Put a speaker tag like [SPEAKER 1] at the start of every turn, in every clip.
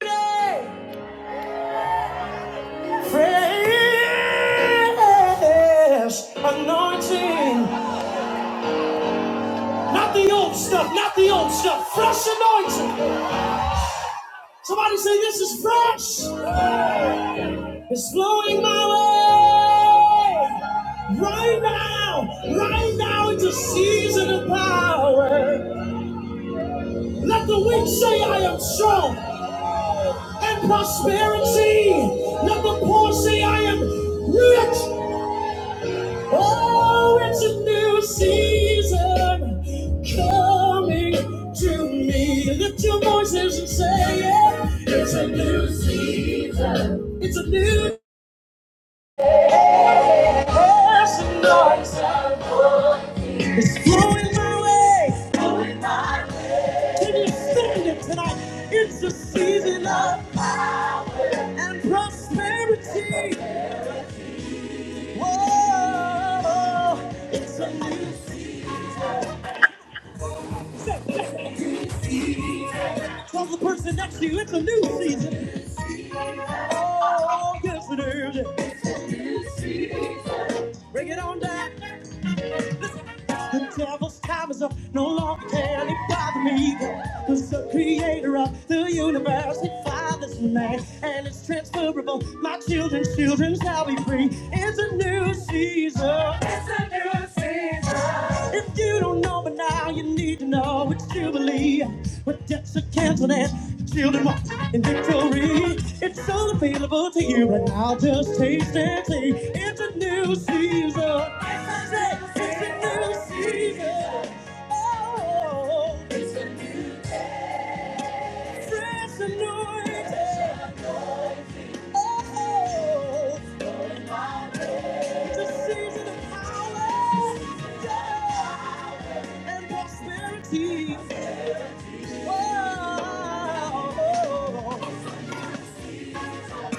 [SPEAKER 1] Fresh anointing. Not the old stuff, not the old stuff. Fresh anointing. Somebody say, This is fresh. It's flowing my way. Right now, right now, it's a season of power. Let the weak say, I am strong. And prosperity. Let the poor say, I am rich. Oh, it's a new season coming to me. Lift your voices and say it. It's a new season. It's a new season, Lord. It's flowing my way. Can you stand it tonight? It's a season of fire and prosperity. Whoa, it's a new season. Tell the person next to you, it's a new season. Oh, yes it is. Bring it on down. The devil's time is up. No longer can he bother me. God the creator of the universe. He fathers man, and it's transferable. My children's children shall be free. It's a new season. It's a new season. If you don't know but now, you need to know it's Jubilee. With debts are canceled and your children walk in victory. It's all available to you, and I'll just taste and see. It's a new season. It's a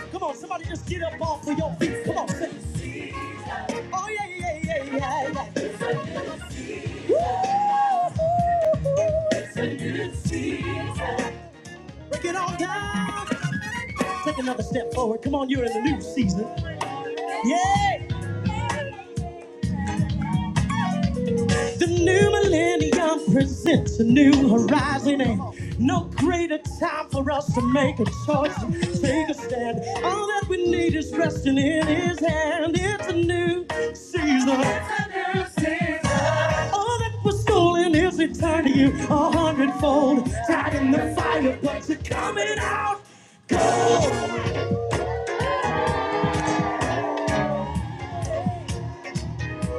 [SPEAKER 1] Come on, Somebody just get up off of your feet. Come on, sing. Oh yeah, yeah, yeah, yeah, yeah. Woo! Break it all down. Take another step forward. Come on, you're in the new season. Yeah, the new millennium presents a new horizon, and no greater time for us to make a choice and take a stand. All that we need is resting in His hand. It's a new season. It's a new season. All that was stolen is returned to you a hundredfold. Tied in the fire, but you're coming out. cold.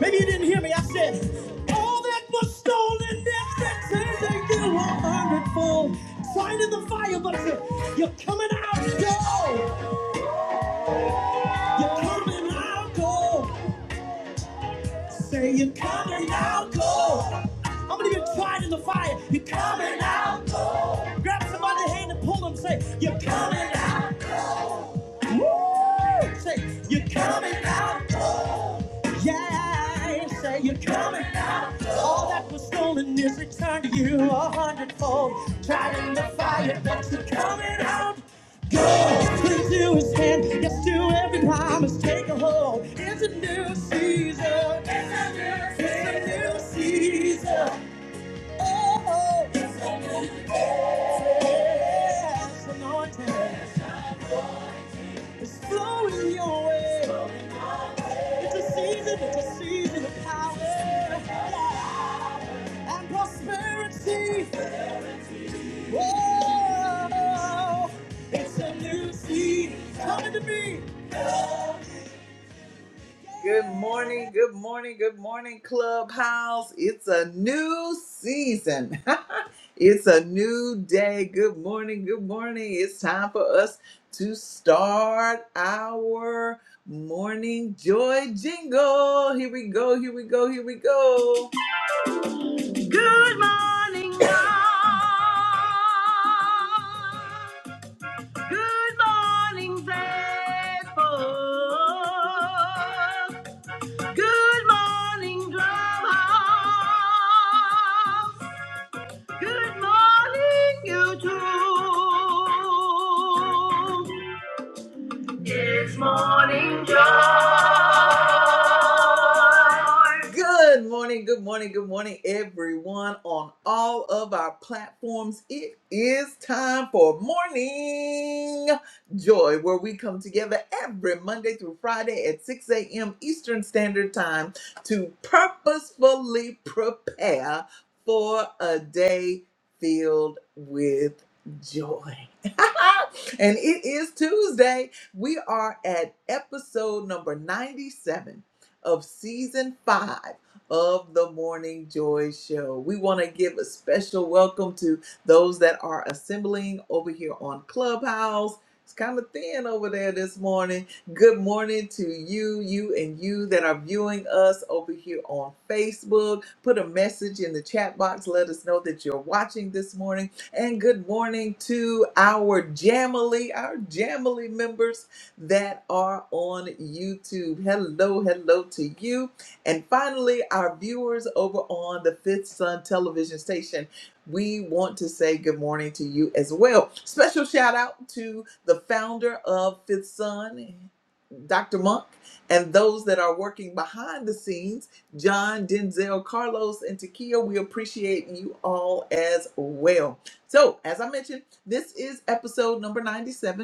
[SPEAKER 1] Maybe you didn't hear me. I said, all that was stolen, that that said they did a hundredfold. Sign in the fire, but I said, you're coming out go! You're coming out go! Say you're coming out go! How many of you tried in the fire? You're coming out go! Grab somebody's hand and pull them. Say, you're coming out. Woo! Say, you're coming out. Yeah, say you're coming out. All that was stolen is returned to you a hundredfold. Tried in the fire, but you're coming out. Go into his hand, yes, to every promise, take a hold. It's a new season. It's a new season. It's a new season. Oh, it's a new day. Fresh anointing is flowing your way. It's a season, it's a season of power and prosperity. Whoa, it's a new season coming to me. Good morning, good morning, good morning, Clubhouse. It's a new season. it's a new day. Good morning, good morning. It's time for us to start our morning joy jingle. Here we go, here we go, here we go. morning. Good morning, good morning, good morning, everyone on all of our platforms. It is time for Morning Joy, where we come together every Monday through Friday at 6 a.m. Eastern Standard Time to purposefully prepare for a day filled with joy. and it is Tuesday. We are at episode number 97 of season five of the Morning Joy Show. We want to give a special welcome to those that are assembling over here on Clubhouse. It's kind of thin over there this morning. Good morning to you, you, and you that are viewing us over here on Facebook. Put a message in the chat box. Let us know that you're watching this morning. And good morning to our Jamily, our Jamily members that are on YouTube. Hello, hello to you. And finally, our viewers over on the Fifth Sun television station. We want to say good morning to you as well. Special shout out to the founder of Fifth Sun, Dr. Monk, and those that are working behind the scenes John, Denzel, Carlos, and Takia. We appreciate you all as well. So, as I mentioned, this is episode number 97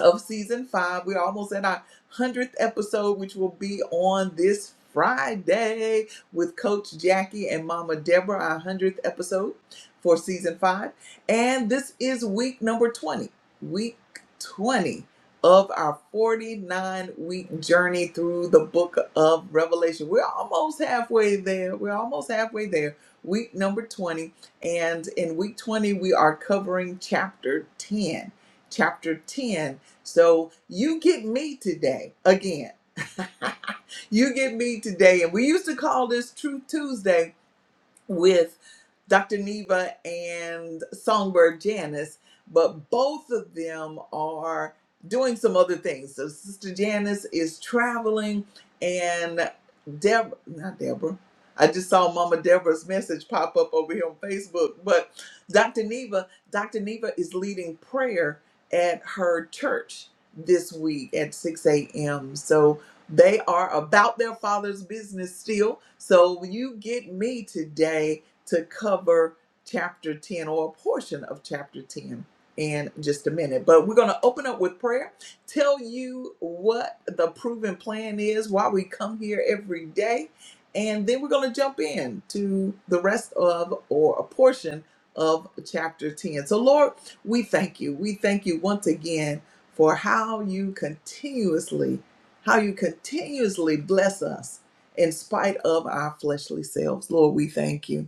[SPEAKER 1] of season five. We're almost at our 100th episode, which will be on this Friday with Coach Jackie and Mama Deborah, our 100th episode for season five. And this is week number 20, week 20 of our 49 week journey through the book of Revelation. We're almost halfway there. We're almost halfway there. Week number 20. And in week 20, we are covering chapter 10. Chapter 10 so you get me today again. You get me today. And we used to call this Truth Tuesday with Dr. Neva and Songbird Janice, but both of them are doing some other things. So Sister Janice is traveling and Deb not Deborah. I just saw Mama Deborah's message pop up over here on Facebook. But Dr. Neva, Dr. Neva is leading prayer at her church this week at 6 a.m. So they are about their father's business still. So when you get me today, to cover chapter 10 or a portion of chapter 10 in just a minute. But we're going to open up with prayer, tell you what the proven plan is, why we come here every day, and then we're going to jump in to the rest of or a portion of chapter 10. So, Lord, we thank you. We thank you once again for how you continuously how you continuously bless us in spite of our fleshly selves. Lord, we thank you.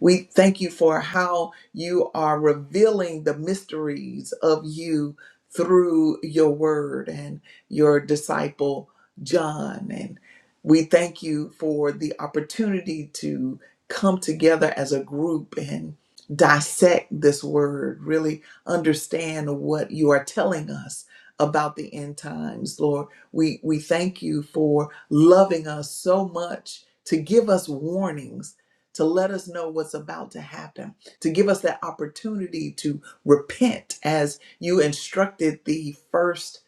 [SPEAKER 1] We thank you for how you are revealing the mysteries of you through your word and your disciple John. And we thank you for the opportunity to come together as a group and dissect this word, really understand what you are telling us about the end times, Lord. We we thank you for loving us so much to give us warnings to let us know what's about to happen, to give us that opportunity to repent as you instructed the first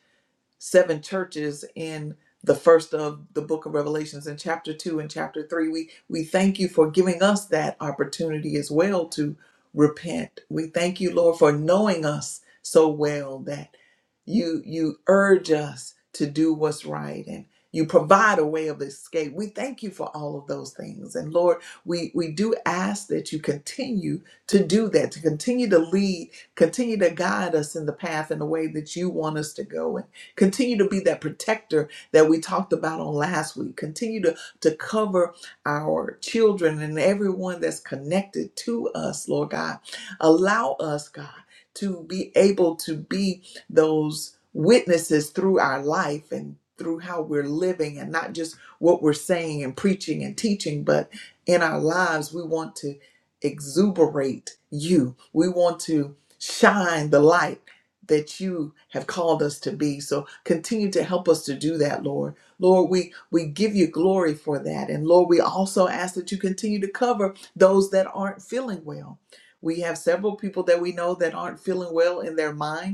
[SPEAKER 1] seven churches in the first of the book of revelations in chapter 2 and chapter 3 we we thank you for giving us that opportunity as well to repent we thank you lord for knowing us so well that you you urge us to do what's right and you provide a way of escape we thank you for all of those things and lord we we do ask that you continue to do that to continue to lead continue to guide us in the path and the way that you want us to go Continue to be that protector that we talked about on last week. Continue to, to cover our children and everyone that's connected to us, Lord God. Allow us, God, to be able to be those witnesses through our life and through how we're living and not just what we're saying and preaching and teaching, but in our lives, we want to exuberate you. We want to shine the light that you have called us to be. So Continue to help us to do that, Lord. Lord, we, we give you glory for that. And Lord, we also ask that you continue to cover those that aren't feeling well. We have several people that we know that aren't feeling well in their mind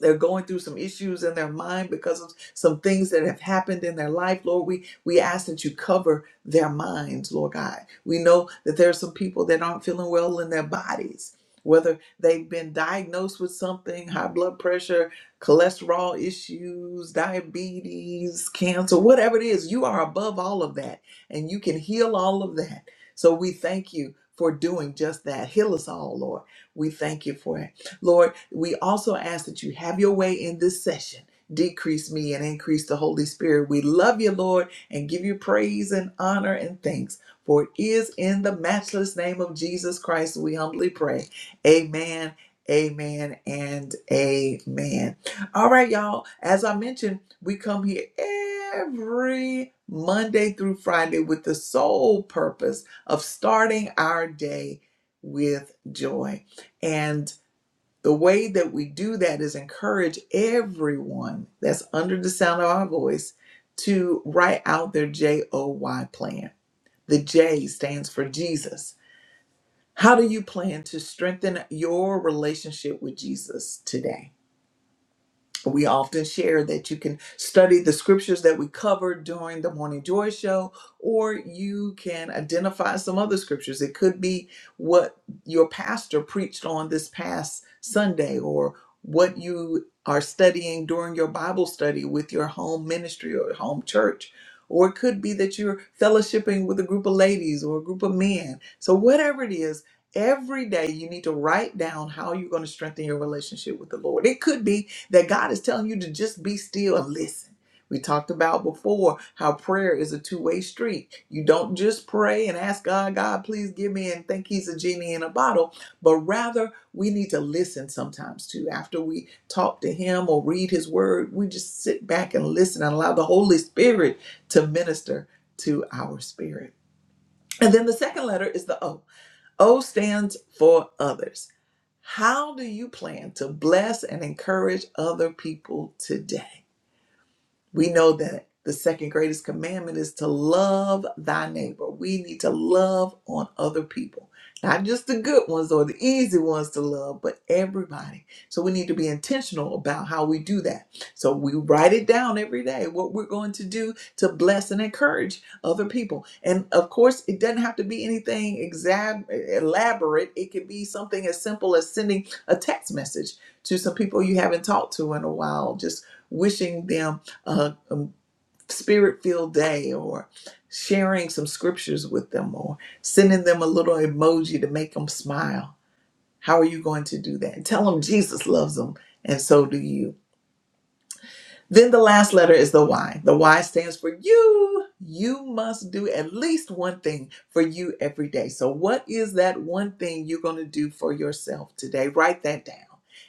[SPEAKER 1] they're going through some issues in their mind because of some things that have happened in their life lord we we ask that you cover their minds lord god we know that there are some people that aren't feeling well in their bodies whether they've been diagnosed with something high blood pressure cholesterol issues diabetes cancer whatever it is you are above all of that and you can heal all of that so we thank you for doing just that heal us all lord we thank you for it Lord, we also ask that you have your way in this session. Decrease me and increase the Holy Spirit. We love you, Lord, and give you praise and honor and thanks. For it is in the matchless name of Jesus Christ we humbly pray. Amen, amen, and amen. All right, y'all. As I mentioned, we come here every Monday through Friday with the sole purpose of starting our day with joy. And the way that we do that is encourage everyone that's under the sound of our voice to write out their J O Y plan. The J stands for Jesus. How do you plan to strengthen your relationship with Jesus today? we often share that you can study the scriptures that we covered during the Morning Joy Show, or you can identify some other scriptures. It could be what your pastor preached on this past Sunday, or what you are studying during your Bible study with your home ministry or home church. Or it could be that you're fellowshipping with a group of ladies or a group of men. So, whatever it is, every day you need to write down how you're going to strengthen your relationship with the Lord. It could be that God is telling you to just be still and listen. We talked about before how prayer is a two way street. You don't just pray and ask God, God, please give me and think He's a genie in a bottle, but rather we need to listen sometimes too. After we talk to Him or read His Word, we just sit back and listen and allow the Holy Spirit to minister to our spirit. And then the second letter is the O. O stands for others. How do you plan to bless and encourage other people today? We know that the second greatest commandment is to love thy neighbor. We need to love on other people, not just the good ones or the easy ones to love, but everybody. So we need to be intentional about how we do that. So we write it down every day what we're going to do to bless and encourage other people. And of course, it doesn't have to be anything exam- elaborate, it could be something as simple as sending a text message to some people you haven't talked to in a while, just wishing them a, spirit filled day or sharing some scriptures with them or sending them a little emoji to make them smile. How are you going to do that? Tell them Jesus loves them and so do you. Then the last letter is the Y. The Y stands for you. You must do at least one thing for you every day. So, what is that one thing you're going to do for yourself today? Write that down.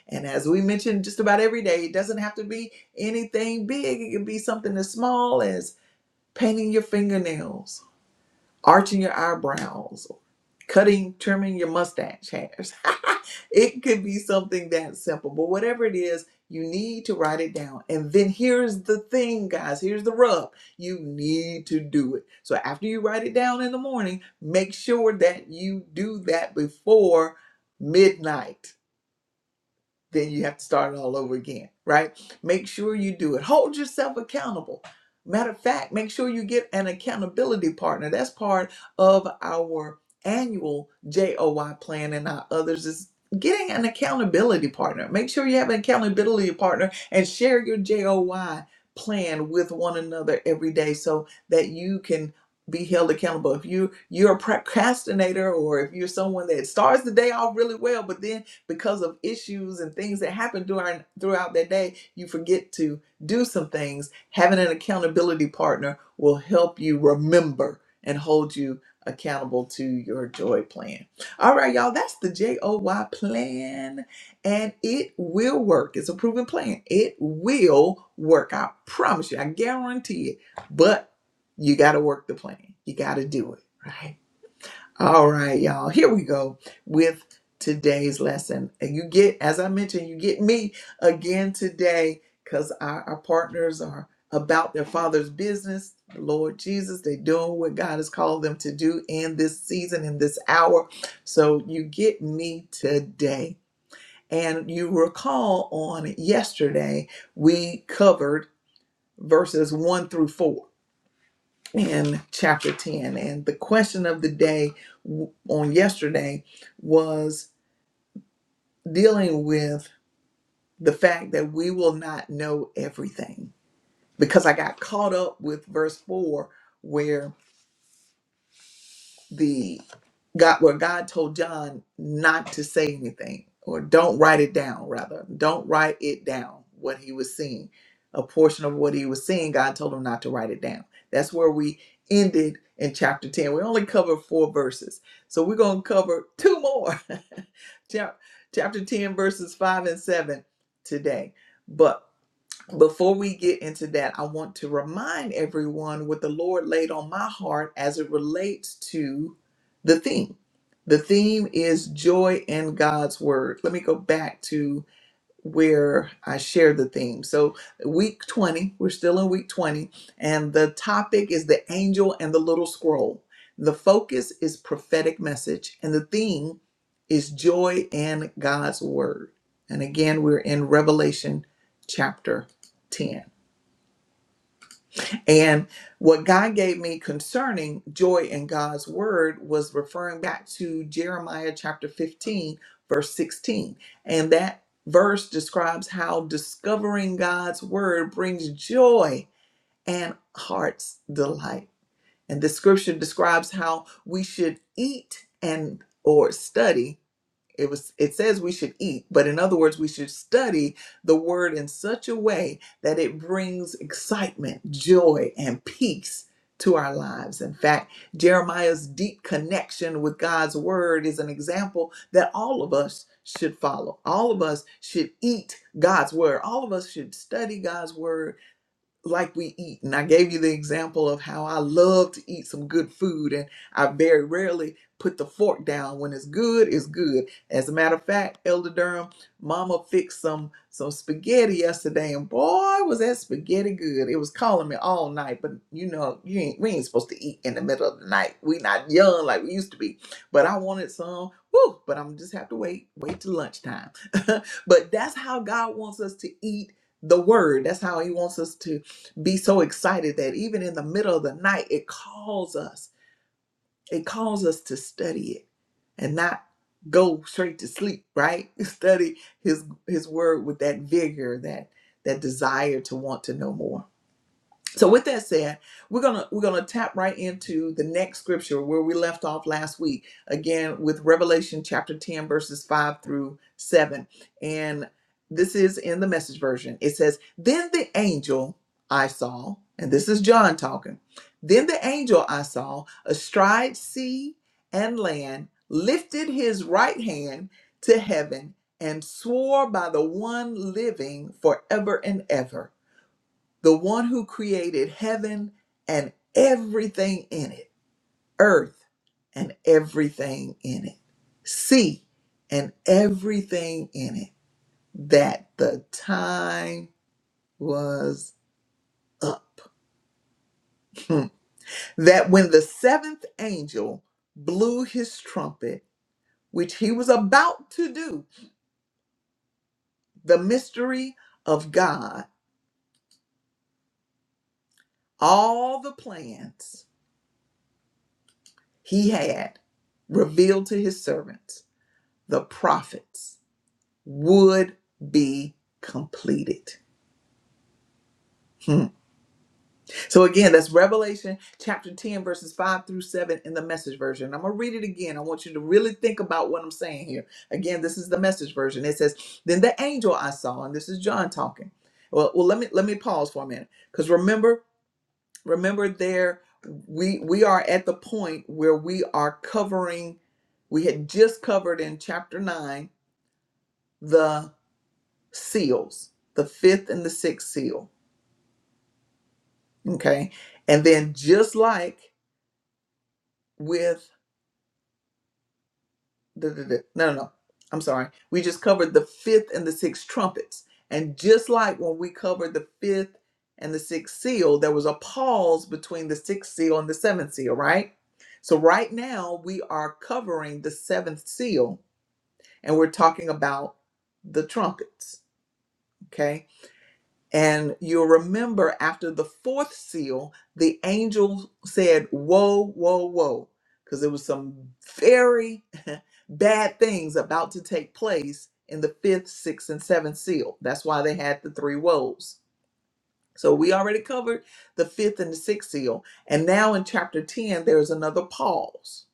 [SPEAKER 1] And as we mentioned just about every day, it doesn't have to be anything big. It can be something as small as painting your fingernails, arching your eyebrows, cutting, trimming your mustache hairs. it could be something that simple, but whatever it is, you need to write it down. And then here's the thing, guys here's the rub you need to do it. So after you write it down in the morning, make sure that you do that before midnight then you have to start all over again, right? Make sure you do it. Hold yourself accountable. Matter of fact, make sure you get an accountability partner. That's part of our annual JOY plan and our others is getting an accountability partner. Make sure you have an accountability partner and share your JOY plan with one another every day so that you can be held accountable. If you you're a procrastinator or if you're someone that starts the day off really well but then because of issues and things that happen during throughout that day, you forget to do some things. Having an accountability partner will help you remember and hold you accountable to your joy plan. All right, y'all, that's the JOY plan and it will work. It's a proven plan. It will work. I promise you. I guarantee it. But you got to work the plan. You got to do it, right? All right, y'all. Here we go with today's lesson. And you get, as I mentioned, you get me again today because our, our partners are about their father's business. The Lord Jesus, they're doing what God has called them to do in this season, in this hour. So you get me today. And you recall on yesterday, we covered verses one through four in chapter 10. And the question of the day w- on yesterday was dealing with the fact that we will not know everything. Because I got caught up with verse 4, where. the God where God told John not to say anything or don't write it down rather don't write it down what he was seeing a portion of what he was seeing God told him not to write it down that's where we ended in chapter 10 we only covered four verses so we're going to cover two more Chap- chapter 10 verses 5 and 7 today But. Before we get into that, I want to remind everyone what the Lord laid on my heart as it relates to the theme. The theme is joy in God's word. Let me go back to where I share the theme. So, week 20, we're still in week 20, and the topic is the angel and the little scroll. The focus is prophetic message, and the theme is joy and God's word. And again, we're in Revelation chapter 10. And what God gave me concerning joy in God's word was referring back to Jeremiah chapter 15, verse 16. And that verse describes how discovering God's word brings joy and heart's delight. And the scripture describes how we should eat and or study it was it says we should eat but in other words we should study the word in such a way that it brings excitement joy and peace to our lives in fact jeremiah's deep connection with god's word is an example that all of us should follow all of us should eat god's word all of us should study god's word like we eat. And I gave you the example of how I love to eat some good food and I very rarely put the fork down. When it's good, it's good. As a matter of fact, Elder Durham, Mama fixed some some spaghetti yesterday and boy was that spaghetti good. It was calling me all night, but you know, you ain't we ain't supposed to eat in the middle of the night. We not young like we used to be. But I wanted some. Woo, but I'm just have to wait, wait till lunchtime. but that's how God wants us to eat the word. That's how he wants us to be so excited that even in the middle of the night, it calls us. It calls us to study it and not go straight to sleep, right? Study his his word with that vigor, that that desire to want to know more. So with that said, we're gonna we're gonna tap right into the next scripture where we left off last week, again with Revelation chapter 10, verses 5 through 7. And this is in the message version. It says, Then the angel I saw, and this is John talking, then the angel I saw astride sea and land lifted his right hand to heaven and swore by the one living forever and ever the one who created heaven and everything in it, earth and everything in it, sea and everything in it, that the time was up. Hmm. that when the seventh angel blew his trumpet, which he was about to do, the mystery of God, all the plans he had revealed to his servants, the prophets would be completed. Hmm. So again, that's Revelation chapter 10, verses 5 through 7 in the message version. I'm going to read it again. I want you to really think about what I'm saying here. Again, this is the message version. It says, Then the angel I saw, and this is John talking. Well, well let me let me pause for a minute. Because remember, remember there we we are at the point where we are covering, we had just covered in chapter 9 the seals, the fifth and the sixth seal Okay. And then just like with the, the, the no, no, no. I'm sorry. We just covered the fifth and the sixth trumpets. And just like when we covered the fifth and the sixth seal, there was a pause between the sixth seal and the seventh seal, right? So right now we are covering the seventh seal and we're talking about the trumpets. Okay. And you'll remember after the fourth seal, the angel said, Whoa, whoa, whoa, because there was some very bad things about to take place in the fifth, sixth, and seventh seal. That's why they had the three woes so we already covered the fifth and the sixth seal. And now in chapter 10, there's another pause.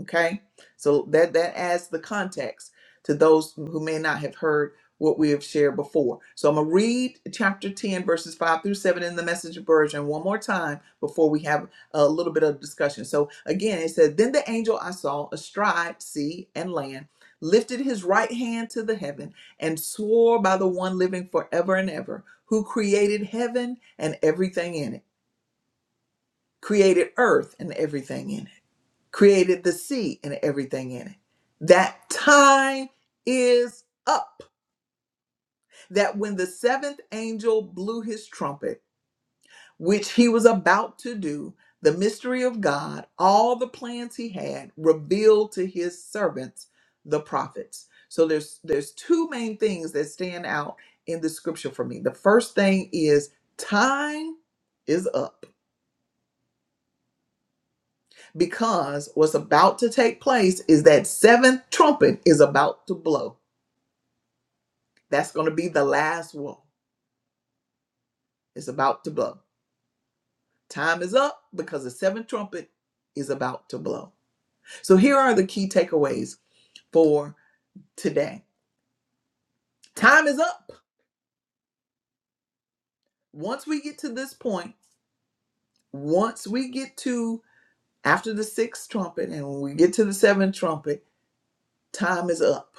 [SPEAKER 1] Okay. So that, that adds the context to those who may not have heard what we have shared before. So I'm going to read chapter 10, verses 5 through 7 in the message version one more time before we have a little bit of discussion. So again, it said, Then the angel I saw astride sea and land lifted his right hand to the heaven and swore by the one living forever and ever who created heaven and everything in it, created earth and everything in it, created the sea and everything in it. That time is up. That when the seventh angel blew his trumpet, which he was about to do, the mystery of God, all the plans he had revealed to his servants, the prophets. So there's there's two main things that stand out in the scripture for me. The first thing is time is up because what's about to take place is that seventh trumpet is about to blow. That's going to be the last one. It's about to blow. Time is up because the seventh trumpet is about to blow. So here are the key takeaways for today. Time is up. Once we get to this point, once we get to after the sixth trumpet and when we get to the seventh trumpet, time is up.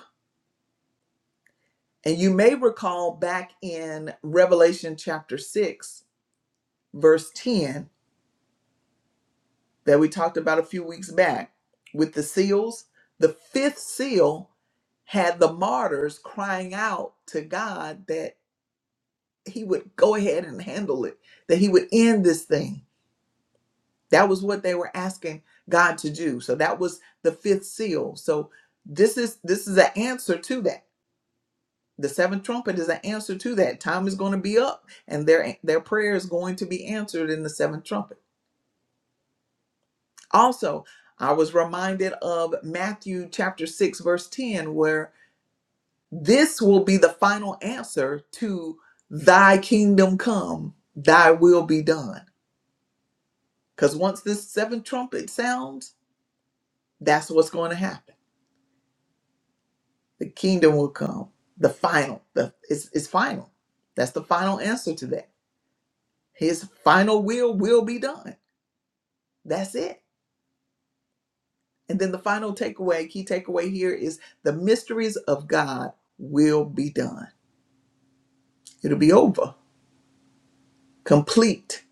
[SPEAKER 1] And you may recall back in Revelation chapter 6, verse 10 that we talked about a few weeks back with the seals. The fifth seal had the martyrs crying out to God that he would go ahead and handle it, that he would end this thing. That was what they were asking God to do. So that was the fifth seal. So this is this is an answer to that. The seventh trumpet is an answer to that. Time is going to be up and their their prayer is going to be answered in the seventh trumpet. Also, I was reminded of Matthew chapter 6, verse 10, where this will be the final answer to thy kingdom come, thy will be done. Because once this seventh trumpet sounds, that's what's going to happen. The kingdom will come. The final, the it's, it's final. That's the final answer to that. His final will will be done. That's it. And then the final takeaway, key takeaway here is the mysteries of God will be done. it'll be over, complete.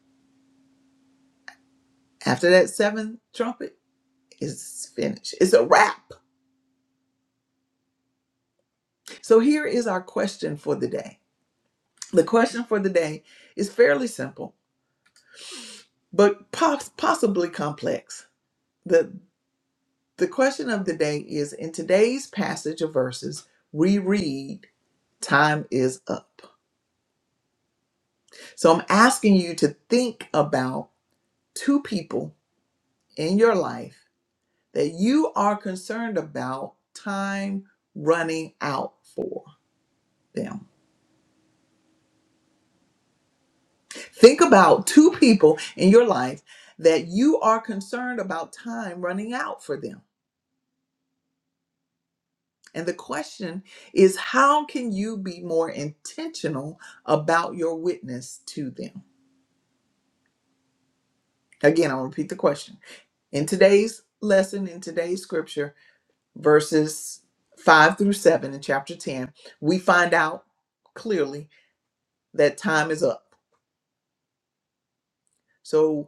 [SPEAKER 1] After that seventh trumpet, it's finished. It's a wrap. So here is our question for the day. The question for the day is fairly simple, but pos- possibly complex. The the question of the day is in today's passage of verses, we read, time is up. So I'm asking you to think about two people in your life that you are concerned about time running out for them. Think about two people in your life that you are concerned about time running out for them. And the question is how can you be more intentional about your witness to them? Again, I'll repeat the question. In today's lesson, in today's scripture, verses 5 through 7 in chapter 10, we find out clearly that time is up. So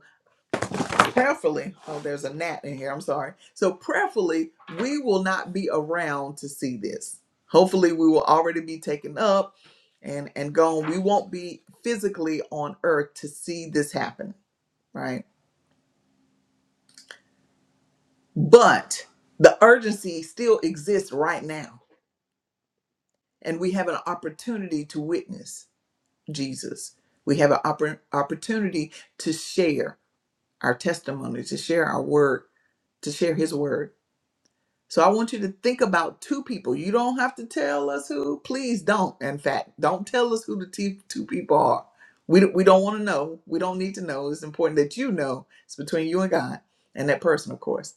[SPEAKER 1] prayerfully oh there's a gnat in here i'm sorry so prayerfully we will not be around to see this hopefully we will already be taken up and and gone we won't be physically on earth to see this happen right but the urgency still exists right now and we have an opportunity to witness jesus we have an oppor- opportunity to share our testimony to share our word to share his word So I want you to think about two people. You don't have to tell us who. Please don't. In fact, don't tell us who the t- two people are. We, d- we don't want to know. We don't need to know. It's important that you know. It's between you and God and that person, of course.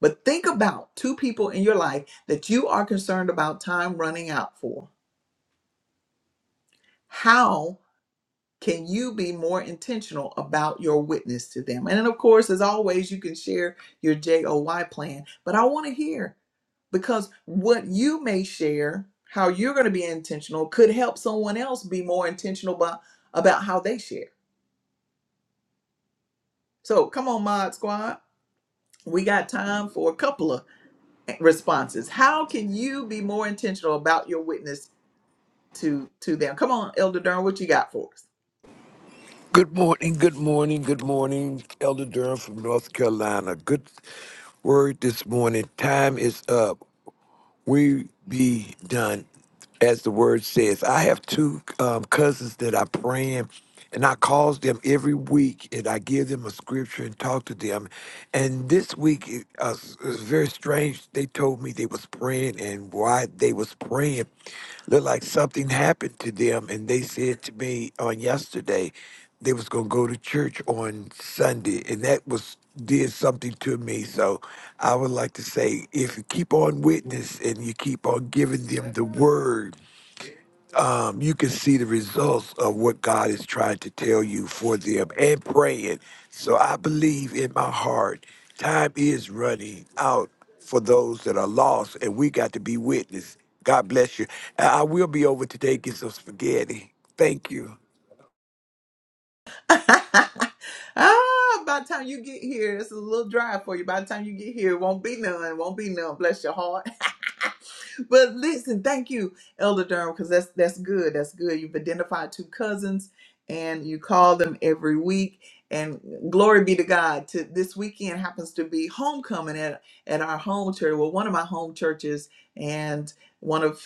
[SPEAKER 1] But think about two people in your life that you are concerned about time running out for. How? Can you be more intentional about your witness to them? And then, of course, as always, you can share your JOY plan, but I want to hear because what you may share, how you're going to be intentional, could help someone else be more intentional about, about how they share. So come on, Mod Squad. We got time for a couple of responses. How can you be more intentional about your witness to to them. Come on, Elder Durham, what you got for us?
[SPEAKER 2] Good morning, good morning, good morning, Elder Durham from North Carolina. Good word this morning. Time is up. We be done, as the word says. I have two um, cousins that I praying, and I calls them every week, and I give them a scripture and talk to them. And this week it, uh, s- it was very strange. They told me they was praying, and why they was praying looked like something happened to them, and they said to me on yesterday they was gonna go to church on Sunday, and that was did something to me. So I would like to say, if you keep on witness and you keep on giving them the word, um, you can see the results of what God is trying to tell you for them, and praying. So I believe in my heart, time is running out for those that are lost, and we got to be witness. God bless you. And I will be over today. Get some spaghetti. Thank you.
[SPEAKER 1] ah, by the time you get here, it's a little dry for you. By the time you get here, it won't be none. It won't be none. Bless your heart. but listen, thank you, Elder Durham, because that's that's good. That's good. You've identified two cousins and you call them every week. And glory be to God. To this weekend happens to be homecoming at, at our home church. Well, one of my home churches and one of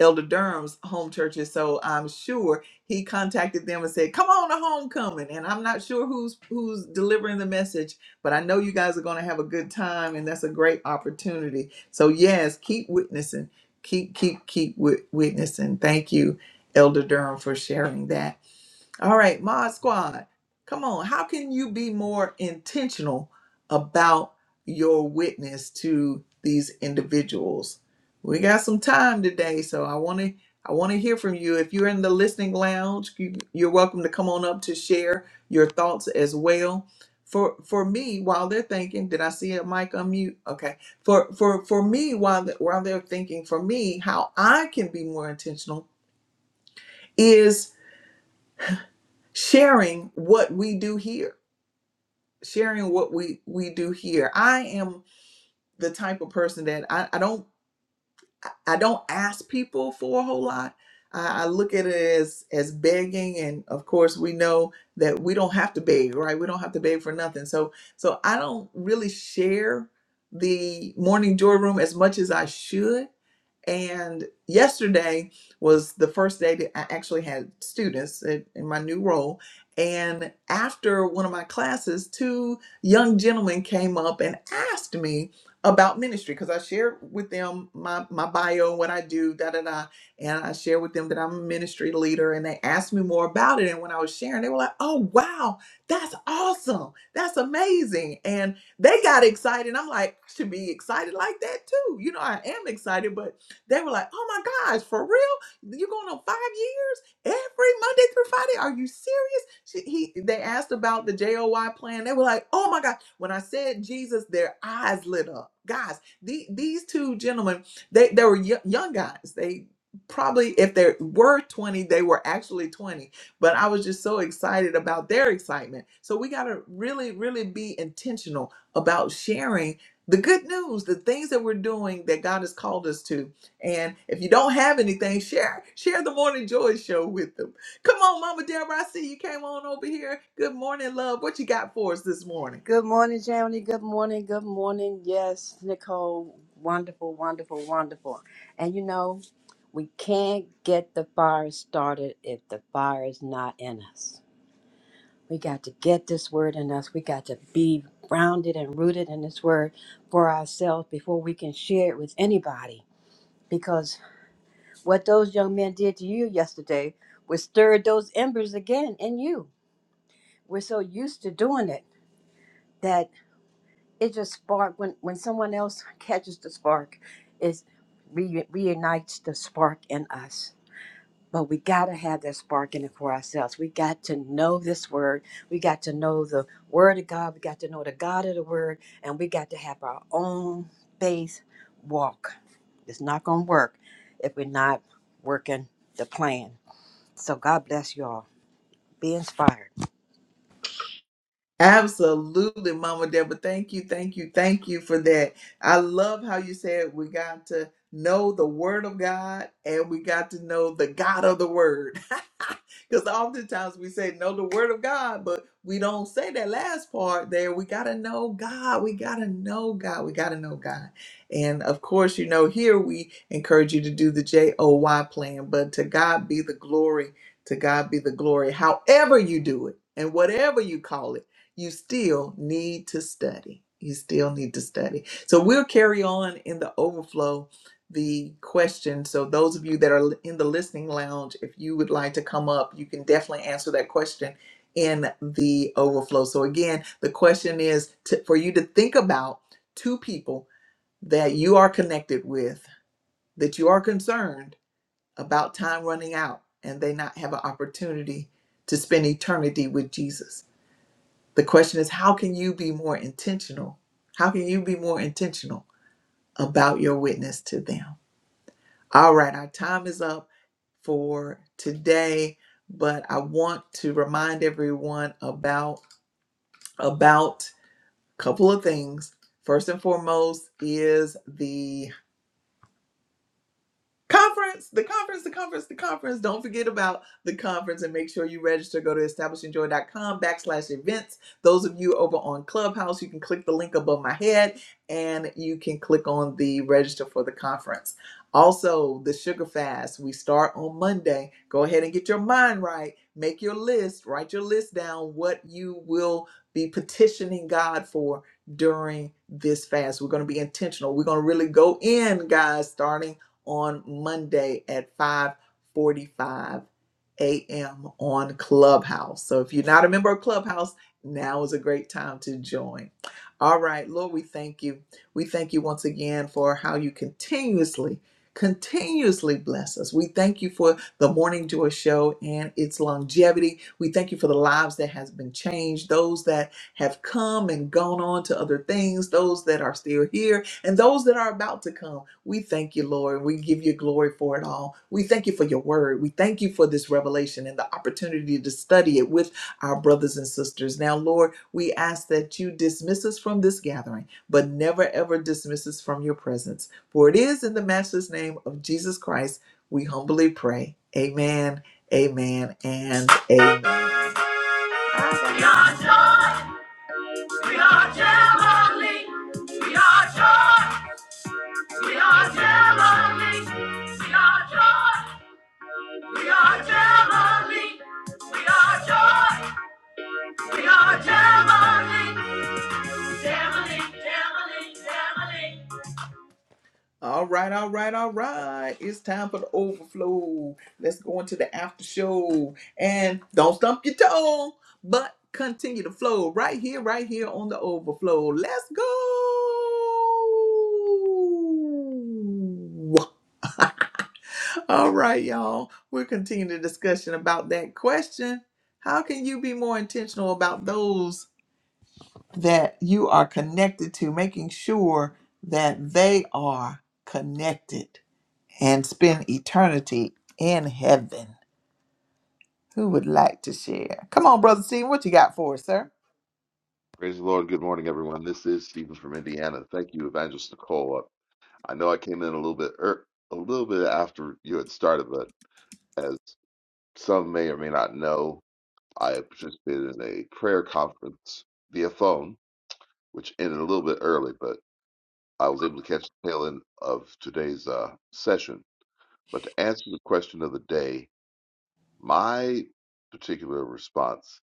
[SPEAKER 1] Elder Durham's home churches. So I'm sure he contacted them and said, Come on to homecoming. And I'm not sure who's who's delivering the message, but I know you guys are gonna have a good time and that's a great opportunity. So yes, keep witnessing keep keep keep wi- witnessing. Thank you, Elder Durham, for sharing that. All right, Mod Squad, come on. How can you be more intentional about your witness to these individuals? We got some time today, so I want to I want to hear from you. If you're in the listening lounge, you, you're welcome to come on up to share your thoughts as well. For for me, while they're thinking, did I see a mic unmute? Okay. For for for me, while they, while they're thinking, for me, how I can be more intentional is sharing what we do here sharing what we we do here i am the type of person that i, I don't i don't ask people for a whole lot I, I look at it as as begging and of course we know that we don't have to beg right we don't have to beg for nothing so so i don't really share the morning joy room as much as i should and yesterday was the first day that I actually had students in in my new role. And after one of my classes, two young gentlemen came up and asked me about ministry because I shared with them my, my bio and what I do, da da da. And I shared with them that I'm a ministry leader. And they asked me more about it. And when I was sharing, they were like, oh, wow, that's awesome. That's amazing. And they got excited. I'm like, I should be excited like that too. You know, I am excited, but they were like, oh my gosh, for real? You're going on five years every Monday through Friday? Are you serious? She, he, they asked about the JOY plan. They were like, oh my God. When I said Jesus, their eyes lit up. Guys, the, these two gentlemen, they, they were yo- young guys. They probably, if they were 20, they were actually 20 but I was just so excited about their excitement. So we got to really, really be intentional about sharing the good news, the things that we're doing that God has called us to. And if you don't have anything, share share the morning joy show with them. Come on, Mama Deborah, I see you came on over here. Good morning, love. What you got for us this morning?
[SPEAKER 3] Good morning, Jamie. Good morning. Good morning. Yes, Nicole. Wonderful, wonderful, wonderful. And you know, we can't get the fire started if the fire is not in us. We got to get this word in us. We got to be grounded and rooted in this word for ourselves before we can share it with anybody. Because what those young men did to you yesterday was stirred those embers again in you. We're so used to doing it that. it just spark when when someone else catches the spark it re- reunites the spark in us but we got to have that spark in it for ourselves we got to know this word we got to know the word of god we got to know the god of the word and we got to have our own faith walk it's not going to work if we're not working the plan so god bless you all be inspired
[SPEAKER 1] Absolutely, Mama Deborah. Thank you, thank you, thank you for that. I love how you said we got to know the Word of God and we got to know the God of the Word. Because oftentimes we say know the Word of God, but we don't say that last part there. We got to know God. We got to know God. We got to know God. And of course, you know, here we encourage you to do the J O Y plan, but to God be the glory. To God be the glory. However, you do it and whatever you call it you still need to study. You still need to study. So we'll carry on in the overflow the question. So those of you that are in the listening lounge, if you would like to come up, you can definitely answer that question in the overflow. So again, the question is to, for you to think about two people that you are connected with that you are concerned about time running out and they not have an opportunity to spend eternity with Jesus the question is, how can you be more intentional? How can you be more intentional about your witness to them? All right, our time is up for today, but I want to remind everyone about about a couple of things. First and foremost is the Conference, the conference, the conference, the conference. Don't forget about the conference and make sure you register. Go to establishingjoy.com backslash events. Those of you over on Clubhouse, you can click the link above my head and you can click on the register for the conference. Also, the sugar fast, we start on Monday. Go ahead and get your mind right. Make your list, write your list down what you will be petitioning God for during this fast. We're going to be intentional. We're going to really go in, guys, starting on Monday at 5:45 a.m. on Clubhouse. So if you're not a member of Clubhouse, now is a great time to join. All right, Lord, we thank you. We thank you once again for how you continuously continuously bless us. We thank you for the Morning Joy show and its longevity. We thank you for the lives that has been changed, those that have come and gone on to other things, those that are still here and those that are about to come. We thank you, Lord. We give you glory for it all. We thank you for your word. We thank you for this revelation and the opportunity to study it with our brothers and sisters. Now, Lord, we ask that you dismiss us from this gathering, but never ever dismiss us from your presence. For it is in the matchless name of Jesus Christ we humbly pray. Amen, amen, and amen. We are joy. We are jubilee. We are joy. We are Galilee. We are joy. We are Galilee. We are joy. We are Galilee. Galilee, Galilee, Galilee. All right, all right, all right. It's time for the overflow. Let's go into the after show. And don't stump your toe, but continue to flow right here, right here on the overflow. Let's go. All right, y'all. We're continuing the discussion about that question. How can you be more intentional about those that you are connected to, making sure that they are connected and spend eternity in heaven? Who would like to share? Come on, Brother Stephen, what you got for us, sir?
[SPEAKER 4] Praise the Lord. Good morning, everyone. This is Stephen from Indiana. Thank you, Evangelist Nicole. Uh, I know I came in a little bit er, a little bit after you had started, but as some may or may not know, I participated in a prayer conference via phone, which ended a little bit early, but I was able to catch the tail end of today's uh, session. But to answer the question of the day, my particular response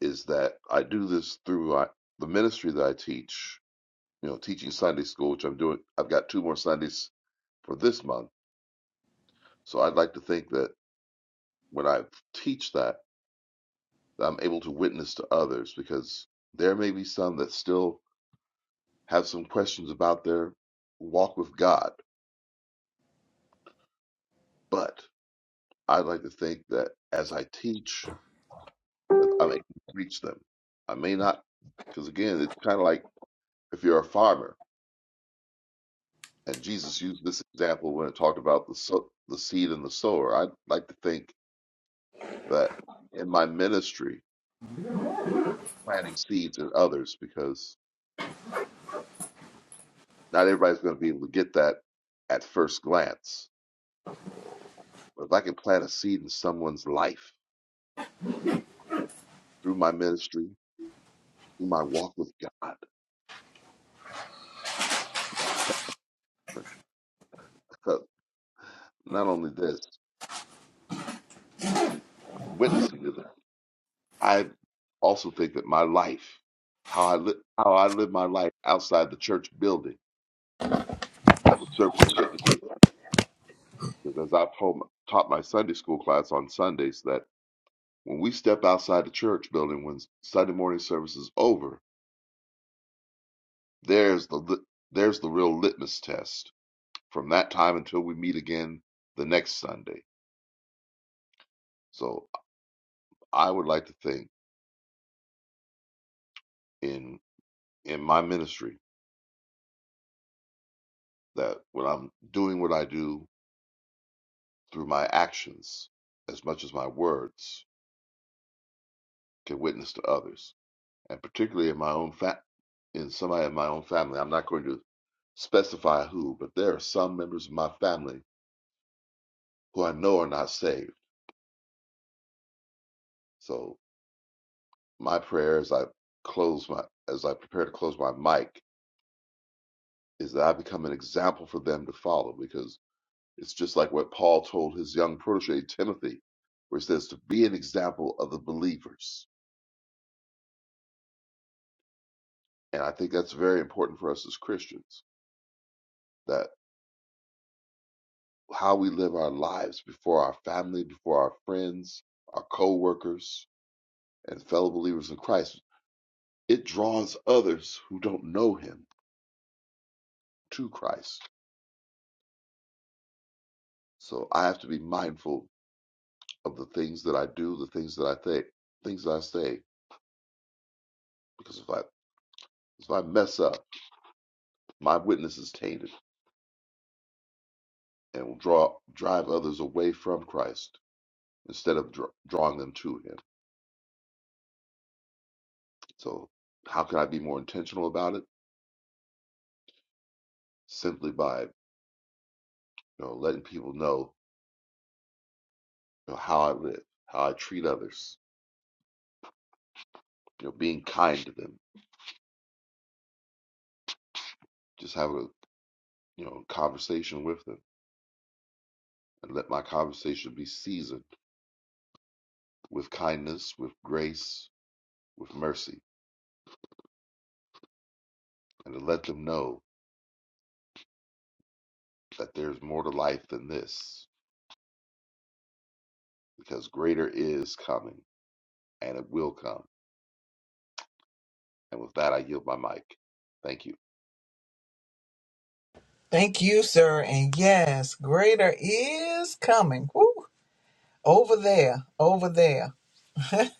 [SPEAKER 4] is that I do this through uh, the ministry that I teach you know, teaching Sunday school, which I'm doing. I've got two more Sundays for this month, so I'd like to think that when I teach that, that I'm able to witness to others because there may be some that still have some questions about their walk with God, but I'd like to think that as I teach, that I'm able to reach them. I may not, because again, it's kind of like if you're a farmer, and Jesus used this example when it talked about the so- the seed and the sower. I'd like to think that in my ministry planting seeds in others because not everybody's going to be able to get that at first glance. But if I can plant a seed in someone's life through my ministry, through my walk with God, because not only this, witnessing to them, I also think that my life, how I live, how I live my life outside the church building, would serve as a witness to them. Because as I've told, taught my Sunday school class on Sundays, that when we step outside the church building, when Sunday morning service is over, There's the lit- there's the real litmus test. From that time until we meet again the next Sunday. So I would like to think in in my ministry that when I'm doing what I do through my actions, as much as my words can witness to others, and particularly in my own fa- in somebody in my own family, I'm not going to specify who, but there are some members of my family who I know are not saved. So my prayer as I close my as I prepare to close my mic is that I become an example for them to follow because it's just like what Paul told his young protege, Timothy, where he says to be an example of the believers. And I think that's very important for us as Christians that how we live our lives before our family, before our friends, our co workers, and fellow believers in Christ, it draws others who don't know him to Christ. So I have to be mindful of the things that I do, the things that I think, things that I say, because if I if I mess up, My witness is tainted and will draw drive others away from Christ instead of dr- drawing them to Him. So, how can I be more intentional about it? Simply by you know letting people know, you know how I live, how I treat others, you know, being kind to them, just having a you know conversation with them, and let my conversation be seasoned with kindness, with grace, with mercy, and to let them know that there's more to life than this, because greater is coming, and it will come And with that, I yield my mic. Thank you.
[SPEAKER 1] Thank you, sir. And yes, greater is coming. Woo! Over there, over there.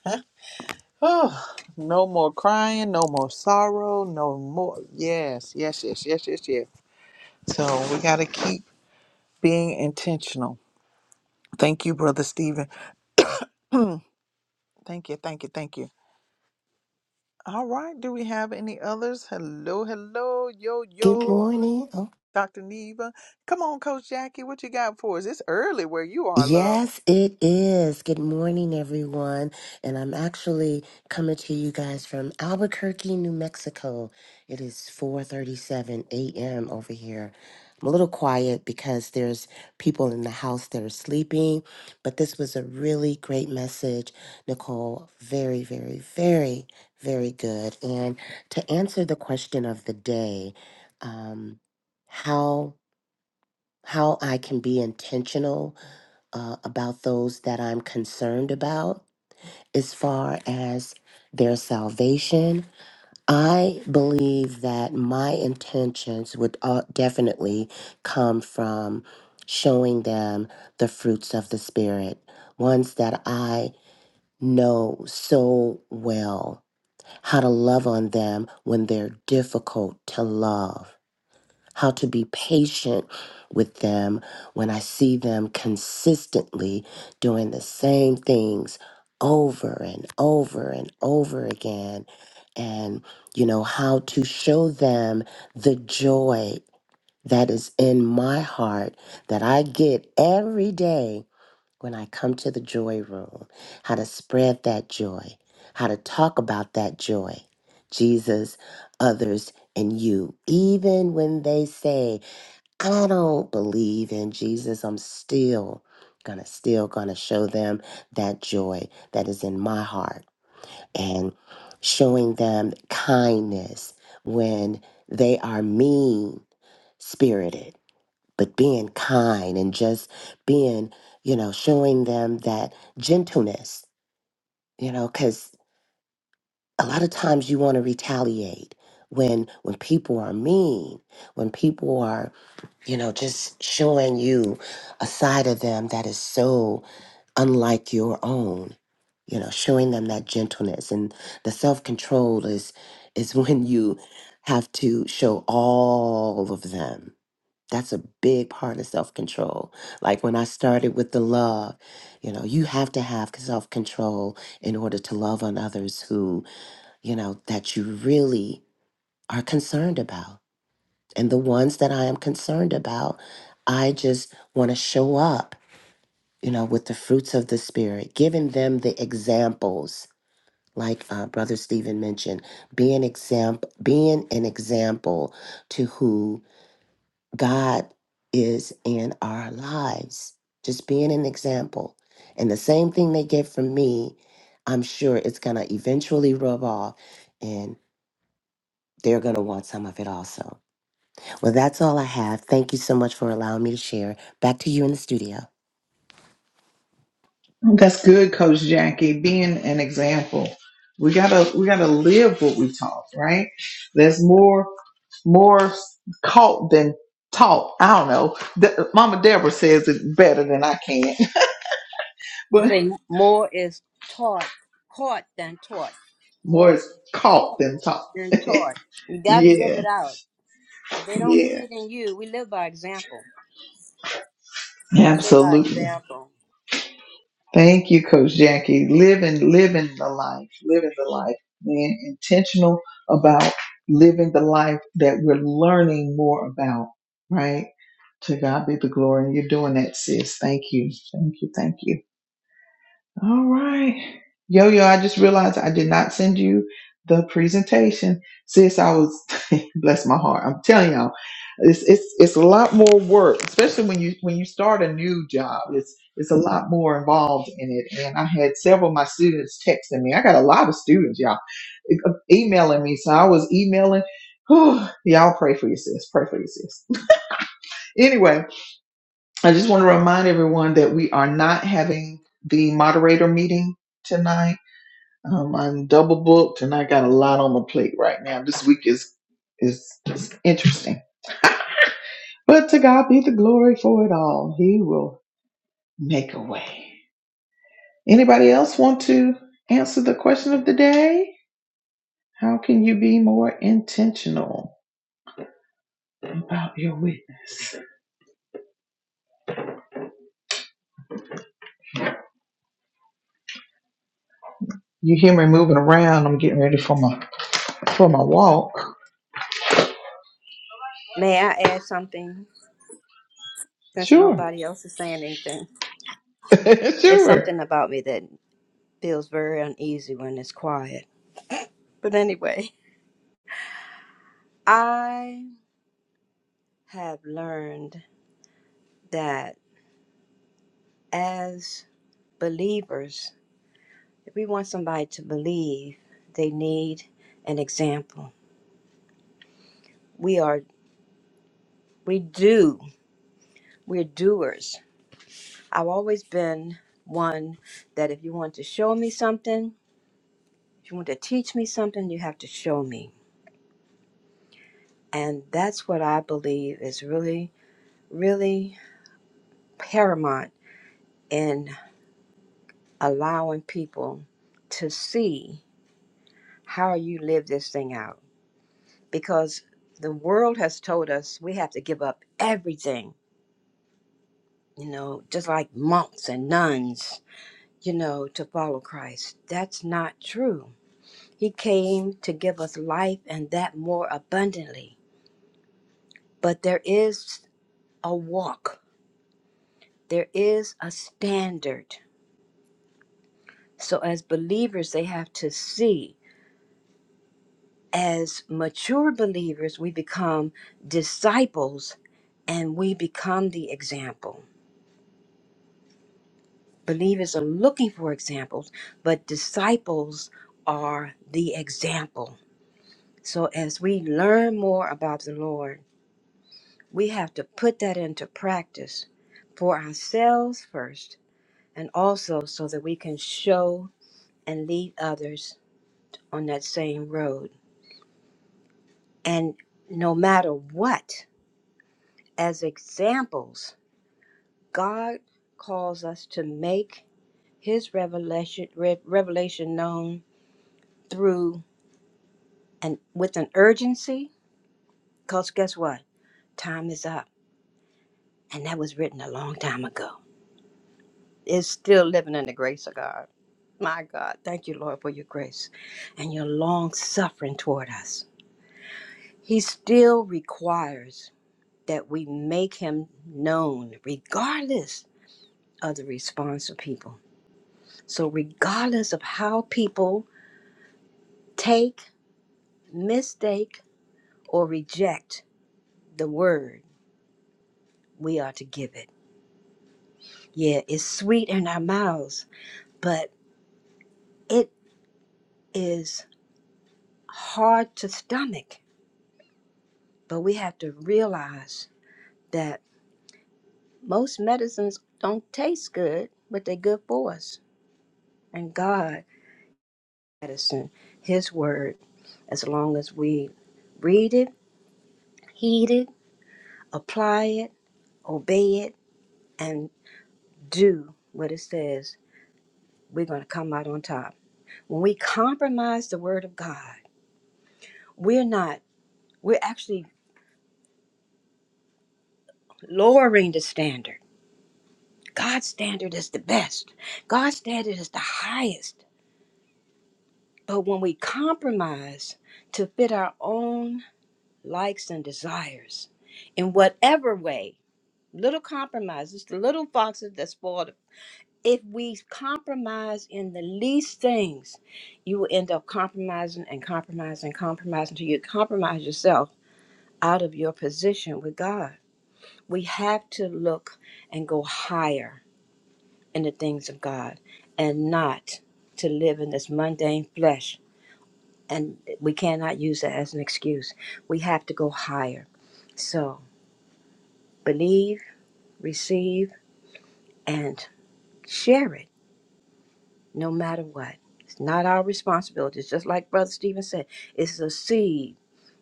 [SPEAKER 1] Oh, no more crying, no more sorrow, no more. Yes, yes, yes, yes, yes, yes. So we got to keep being intentional. Thank you, Brother Stephen. Thank you, thank you, thank you. All right, do we have any others? Hello, hello, yo,
[SPEAKER 5] Good
[SPEAKER 1] yo,
[SPEAKER 5] morning. Oh,
[SPEAKER 1] Dr. Neva. Come on, Coach Jackie, what you got for us? It's early where you are, love.
[SPEAKER 5] yes, it is. Good morning, everyone. And I'm actually coming to you guys from Albuquerque, New Mexico. It is 4:37 a.m. over here. I'm a little quiet because there's people in the house that are sleeping, but this was a really great message, Nicole. Very, very, very, very good. And to answer the question of the day, um, how? how I can be intentional uh, about those that I'm concerned about as far as their salvation. I believe that my intentions would uh, definitely come from showing them the fruits of the Spirit, ones that I know so well, how to love on them when they're difficult to love how to be patient with them when I see them consistently doing the same things over and over and over again. And, you know, how to show them the joy that is in my heart that I get every day when I come to the joy room, how to spread that joy, how to talk about that joy. Jesus, others, and you. Even when they say, I don't believe in Jesus, I'm still gonna still gonna show them that joy that is in my heart and showing them kindness when they are mean spirited but being kind and just being, you know, showing them that gentleness, you know, because a lot of times you want to retaliate when when people are mean, when people are, you know, just showing you a side of them that is so unlike your own. You know, showing them that gentleness and the self control is is when you have to show all of them that's a big part of self control. Like when I started with the love, you know, you have to have self control in order to love on others who, you know, that you really are concerned about. And the ones that I am concerned about, I just want to show up, you know, with the fruits of the Spirit, giving them the examples. Like uh, Brother Stephen mentioned, being example, being an example to who God is in our lives, just being an example. And the same thing they get from me, I'm sure it's going to eventually rub off and they're going to want some of it also. Well, that's all I have. Thank you so much for allowing me to share. Back to you in the studio.
[SPEAKER 1] That's good, Coach Jackie. Being an example, we gotta we gotta live what we taught, right? There's more more caught than taught. I don't know. The, Mama Deborah says it better than I can,
[SPEAKER 3] I
[SPEAKER 1] but
[SPEAKER 3] say more is taught, caught than taught.
[SPEAKER 1] more
[SPEAKER 3] More is
[SPEAKER 1] is caught
[SPEAKER 3] caught
[SPEAKER 1] than taught.
[SPEAKER 3] than taught. You got to live
[SPEAKER 1] yeah,
[SPEAKER 3] it out. If they don't see
[SPEAKER 1] yeah,
[SPEAKER 3] it in you, we live by example. We live by
[SPEAKER 1] absolutely.
[SPEAKER 3] example.
[SPEAKER 1] Thank you, Coach Jackie. Living, living the life, living the life, being intentional about living the life that we're learning more about, right? To God be the glory. You're doing that, sis. Thank you. Thank you. Thank you. All right. Yo, yo, I just realized I did not send you the presentation. Sis, I was, bless my heart. I'm telling y'all, it's, it's, it's a lot more work, especially when you, when you start a new job. It's, it's a lot more involved in it. And I had several of my students texting me. I got a lot of students, y'all, e- emailing me. So I was emailing. y'all pray for your sis. Pray for your sis. anyway, I just want to remind everyone that we are not having the moderator meeting tonight um, I'm double booked and I got a lot on my plate right now. This week is is just interesting. But to God be the glory for it all. He will make a way. Anybody else want to answer the question of the day? How can you be more intentional about your witness? You hear me moving around. I'm getting ready for my for my walk.
[SPEAKER 3] May I add something since
[SPEAKER 1] Sure.
[SPEAKER 3] nobody else is saying anything? It's
[SPEAKER 1] sure.
[SPEAKER 3] something about me that feels very uneasy when it's quiet. But anyway, I have learned that as believers, If we want somebody to believe, they need an example. We are, we do, we're doers. I've always been one that if you want to show me something, if you want to teach me something, you have to show me. And that's what I believe is really, really paramount in allowing people to see how you live this thing out. Because the world has told us we have to give up everything you know, just like monks and nuns, you know, to follow Christ. That's not true. He came to give us life and that more abundantly. But there is a walk, there is a standard. So, as believers, they have to see. As mature believers, we become disciples and we become the example. Believers are looking for examples, but disciples are the example So as we learn more about the Lord, we have to put that into practice for ourselves first, and also so that we can show and lead others on that same road. And no matter what, as examples, God calls us to make his revelation re- revelation known through and with an urgency because guess what time is up and that was written a long time ago is still living in the grace of God. My God, thank you, Lord, for your grace and your long suffering toward us. He still requires that we make him known, regardless of the response of people. So, regardless of how people take, mistake, or reject the word, we are to give it. Yeah, it's sweet in our mouths, but it is hard to stomach. But we have to realize that most medicines don't taste good, but they're good for us. And God, medicine, His word, as long as we read it, heed it, apply it, obey it, and do what it says, we're going to come out on top. When we compromise the word of God, we're not, we're actually lowering the standard. God's standard is the best. God's standard is the highest. But when we compromise to fit our own likes and desires in whatever way little compromises the little foxes that spoil the if we compromise in the least things you will end up compromising and compromising compromising until you compromise yourself out of your position with god we have to look and go higher in the things of god and not to live in this mundane flesh and we cannot use that as an excuse we have to go higher so believe receive, and share it no matter what. It's not our responsibility. It's just like Brother Stephen said it's a seed.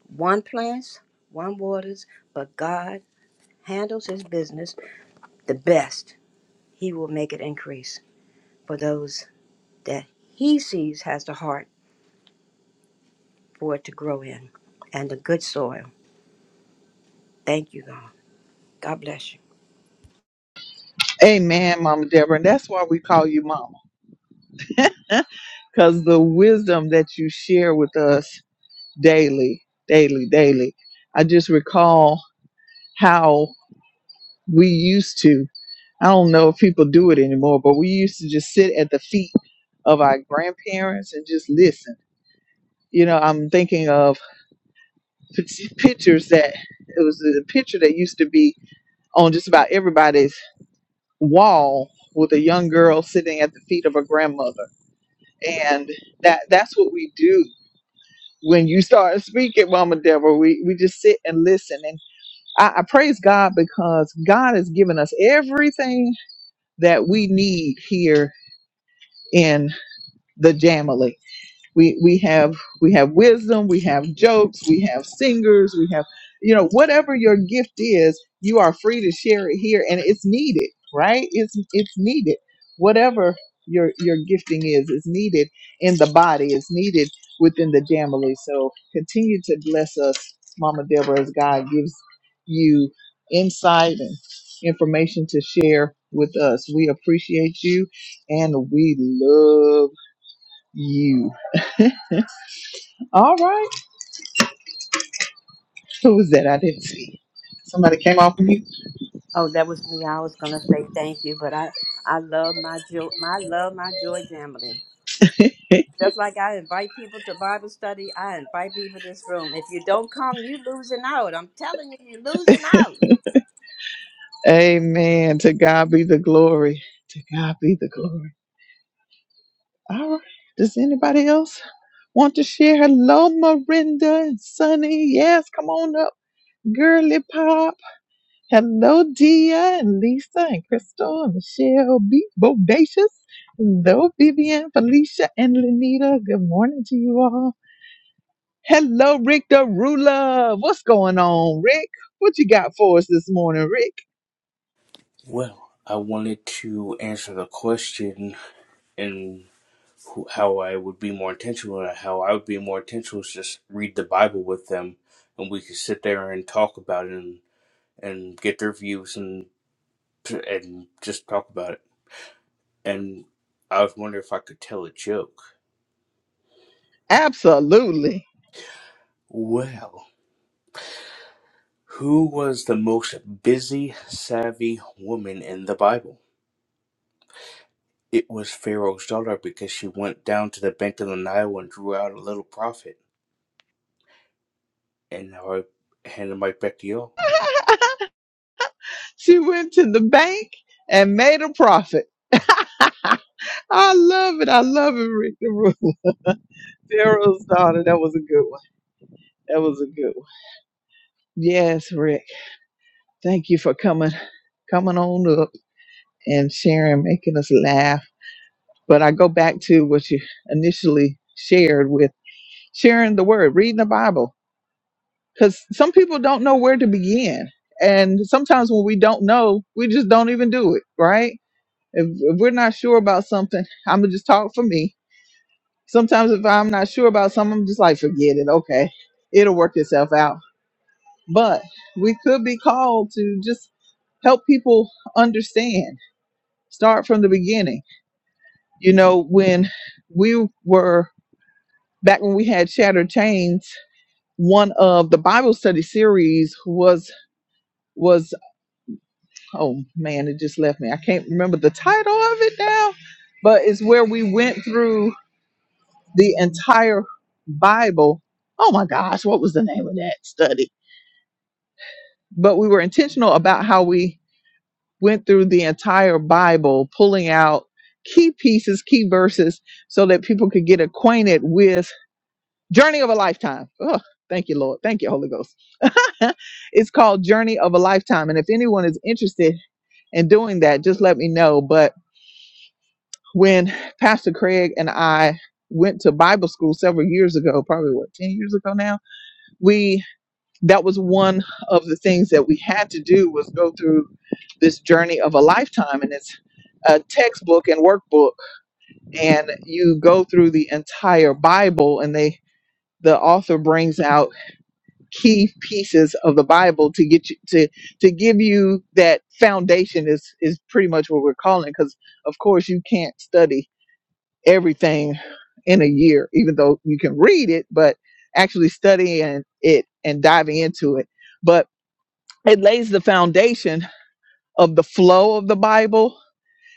[SPEAKER 3] One plants, one waters, but God handles his business the best. He will make it increase for those that he sees has the heart for it to grow in and the good soil. Thank you, God. God bless you.
[SPEAKER 1] Amen, Mama Deborah. And that's why we call you Mama because the wisdom that you share with us daily, daily, daily. I just recall how we used to, I don't know if people do it anymore, but we used to just sit at the feet of our grandparents and just listen. You know, I'm thinking of p- pictures that it was a picture that used to be on just about everybody's wall with a young girl sitting at the feet of her grandmother. And that that's what we do when you start speaking, Mama Deborah. We, we just sit and listen. I, I praise God because God has given us everything that we need here in the Jamily we we have we have wisdom we have jokes we have singers we have you know whatever your gift is you are free to share it here and it's needed right it's it's needed whatever your your gifting is is needed in the body is needed within the family so continue to bless us mama deborah as god gives you insight and information to share with us we appreciate you and we love you. All right. Who was that? I didn't see. Somebody came off of you.
[SPEAKER 3] Oh, that was me. I was gonna say thank you, but I, I love my joy. I love my joy, Jamily. Just like I invite people to Bible study, I invite people to this room. If you don't come, you losing out. I'm telling you, you're losing out.
[SPEAKER 1] Amen. To God be the glory. To God be the glory. All right. Does anybody else want to share? Hello, Marinda and Sunny. Yes, come on up. Girly Pop. Hello, Dia and Lisa and Crystal and Michelle. Be bodacious. Hello, Vivian, Felicia, and Lenita. Good morning to you all. Hello, Rick the Ruler. What's going on, Rick? What you got for us this morning, Rick?
[SPEAKER 6] Well, I wanted to answer the question and who, how I would be more intentional. and How I would be more intentional is just read the Bible with them, and we could sit there and talk about it and, and get their views and and just talk about it. And I was wondering if I could tell a joke.
[SPEAKER 1] Absolutely.
[SPEAKER 6] Well, who was the most busy, savvy woman in the Bible? It was Pharaoh's daughter because she went down to the bank of the Nile and drew out a little profit. and now I hand the mic back to you.
[SPEAKER 1] She went to the bank and made a profit. I love it. I love it, Rick the Ruler. Pharaoh's daughter. That was a good one. That was a good one. Yes, Rick. Thank you for coming, coming on up and sharing, making us laugh. But I go back to what you initially shared with sharing the word, reading the Bible, because some people don't know where to begin. And sometimes when we don't know, we just don't even do it, right? If, if we're not sure about something, I'm going to just talk for me. Sometimes if I'm not sure about something, I'm just like, forget it. Okay. It'll work itself out but we could be called to just help people understand start from the beginning you know when we were back when we had shattered chains one of the bible study series was was oh man it just left me i can't remember the title of it now but it's where we went through the entire bible oh my gosh what was the name of that study but we were intentional about how we went through the entire Bible, pulling out key pieces, key verses, so that people could get acquainted with Journey of a Lifetime. Oh, thank you, Lord. Thank you, Holy Ghost. it's called Journey of a Lifetime. And if anyone is interested in doing that, just let me know. But when Pastor Craig and I went to Bible school several years ago, probably what, 10 years ago now, we that was one of the things that we had to do was go through this journey of a lifetime and it's a textbook and workbook and you go through the entire bible and they the author brings out key pieces of the bible to get you to to give you that foundation is is pretty much what we're calling because of course you can't study everything in a year even though you can read it but actually studying it and diving into it but it lays the foundation of the flow of the Bible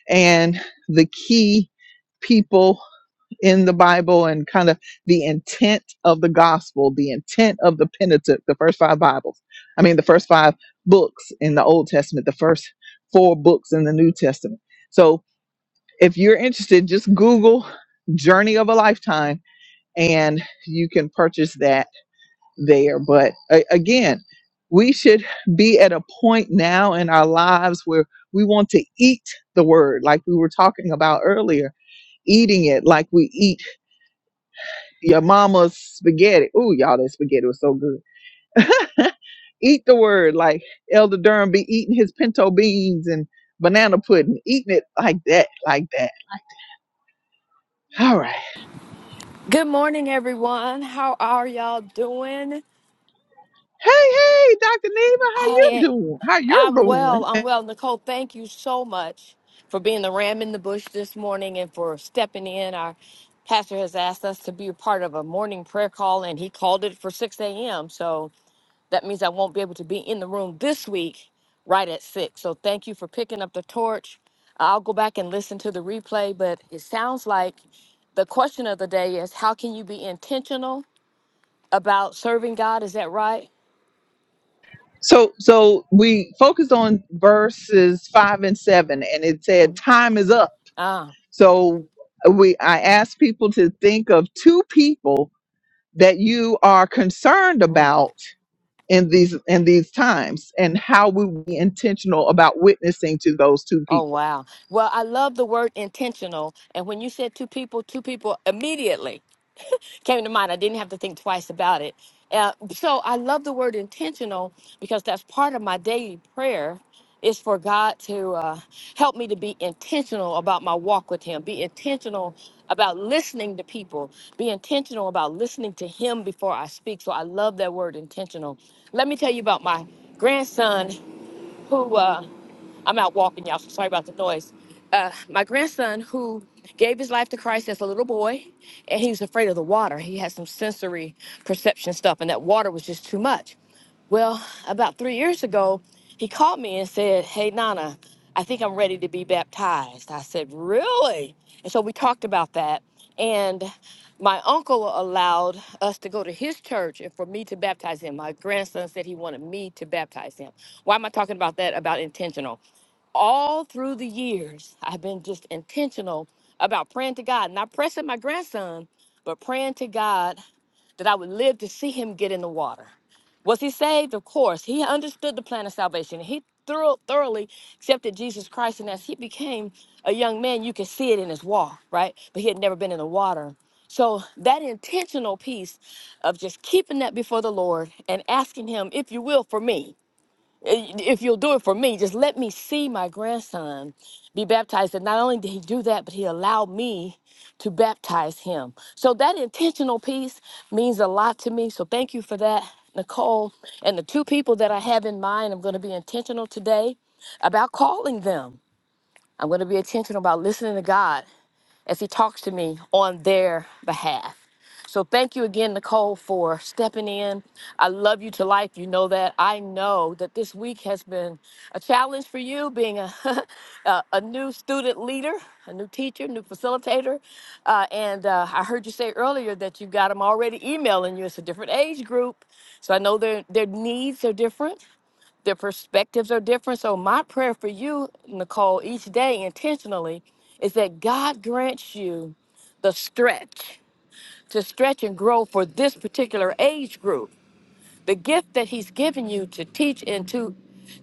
[SPEAKER 1] and the key people in the Bible and kind of the intent of the gospel, the intent of the Pentateuch, the first five Bibles. I mean, the first five books in the Old Testament, the first four books in the New Testament. So if you're interested, just Google Journey of a Lifetime and you can purchase that there. But a- again, we should be at a point now in our lives where we want to eat the word, like we were talking about earlier, eating it like we eat your mama's spaghetti. Ooh, y'all, that spaghetti was so good. Eat the word like Elder Durham be eating his pinto beans and banana pudding, eating it like that, like that. All right.
[SPEAKER 7] Good morning, everyone. How are y'all doing?
[SPEAKER 1] Hey, hey, Dr. Neva, how you
[SPEAKER 7] I
[SPEAKER 1] doing? How you
[SPEAKER 7] I'm
[SPEAKER 1] doing?
[SPEAKER 7] well. I'm well. Nicole, thank you so much for being the ram in the bush this morning and for stepping in. Our pastor has asked us to be a part of a morning prayer call, and he called it for 6 a.m. So that means I won't be able to be in the room this week right at 6. So thank you for picking up the torch. I'll go back and listen to the replay, but it sounds like the question of the day is how can you be intentional? about serving God. Is that right?
[SPEAKER 1] So so we focused on verses five and seven, and it said
[SPEAKER 7] Mhm.
[SPEAKER 1] time is up.
[SPEAKER 7] Ah.
[SPEAKER 1] So we I asked people to think of two people that you are concerned
[SPEAKER 7] mm.
[SPEAKER 1] about in these in these times and how we will be intentional about witnessing to those two
[SPEAKER 7] Oh
[SPEAKER 1] people.
[SPEAKER 7] wow. Well, I love the word intentional. And when you said two people, two people immediately. came to mind. I didn't have to think twice about it. Uh, so I love the word intentional because that's part of my daily prayer is for God to uh, help me to be intentional about my walk with Him, be intentional about listening to people, be intentional about listening to Him before I speak. So I love that word intentional. Let me tell you about my grandson who uh, I'm out walking, y'all. So sorry about the noise. Uh, my grandson, who gave his life to Christ as a little boy, and he was afraid of the water. He had some sensory perception stuff, and that water was just too much. Well, about three years ago, he called me and said, Hey, Nana, I think I'm ready to be baptized. I said, Really? And so we talked about that. And my uncle allowed us to go to his church and for me to baptize him. My grandson said he wanted me to baptize him. Why am I talking about that? About intentional all through the years, I've been just intentional about praying to God, not pressing my grandson, but praying to God that I would live to see him get in the water. Was he saved? Of course. He understood the plan of salvation. He thorough, thoroughly accepted Jesus Christ. And as he became a young man, you could see it in his walk, right? But he had never been in the water. So that intentional piece of just keeping that before the Lord and asking him, if you will, for me. Eh, if you'll do it for me, just let me see my grandson be baptized. And not only did he do that, but he allowed me to baptize him. So that intentional piece means a lot to me. So thank you for that, Nicole. And the two people that I have in mind, I'm going to be intentional today about calling them. I'm going to be intentional about listening to God as he talks to me on their behalf. So thank you again, Nicole, for stepping in. I love you to life. You know that. I know that this week has been a challenge for you, being a a, a new student leader, a new teacher, new facilitator. Uh, and uh, I heard you say earlier that you got them already emailing you. It's a different age group, so I know their their needs are different. Their perspectives are different. So, my prayer for you, Nicole, each day intentionally is that God grants you the stretch to stretch and grow for this particular age group the gift that he's given you to teach and to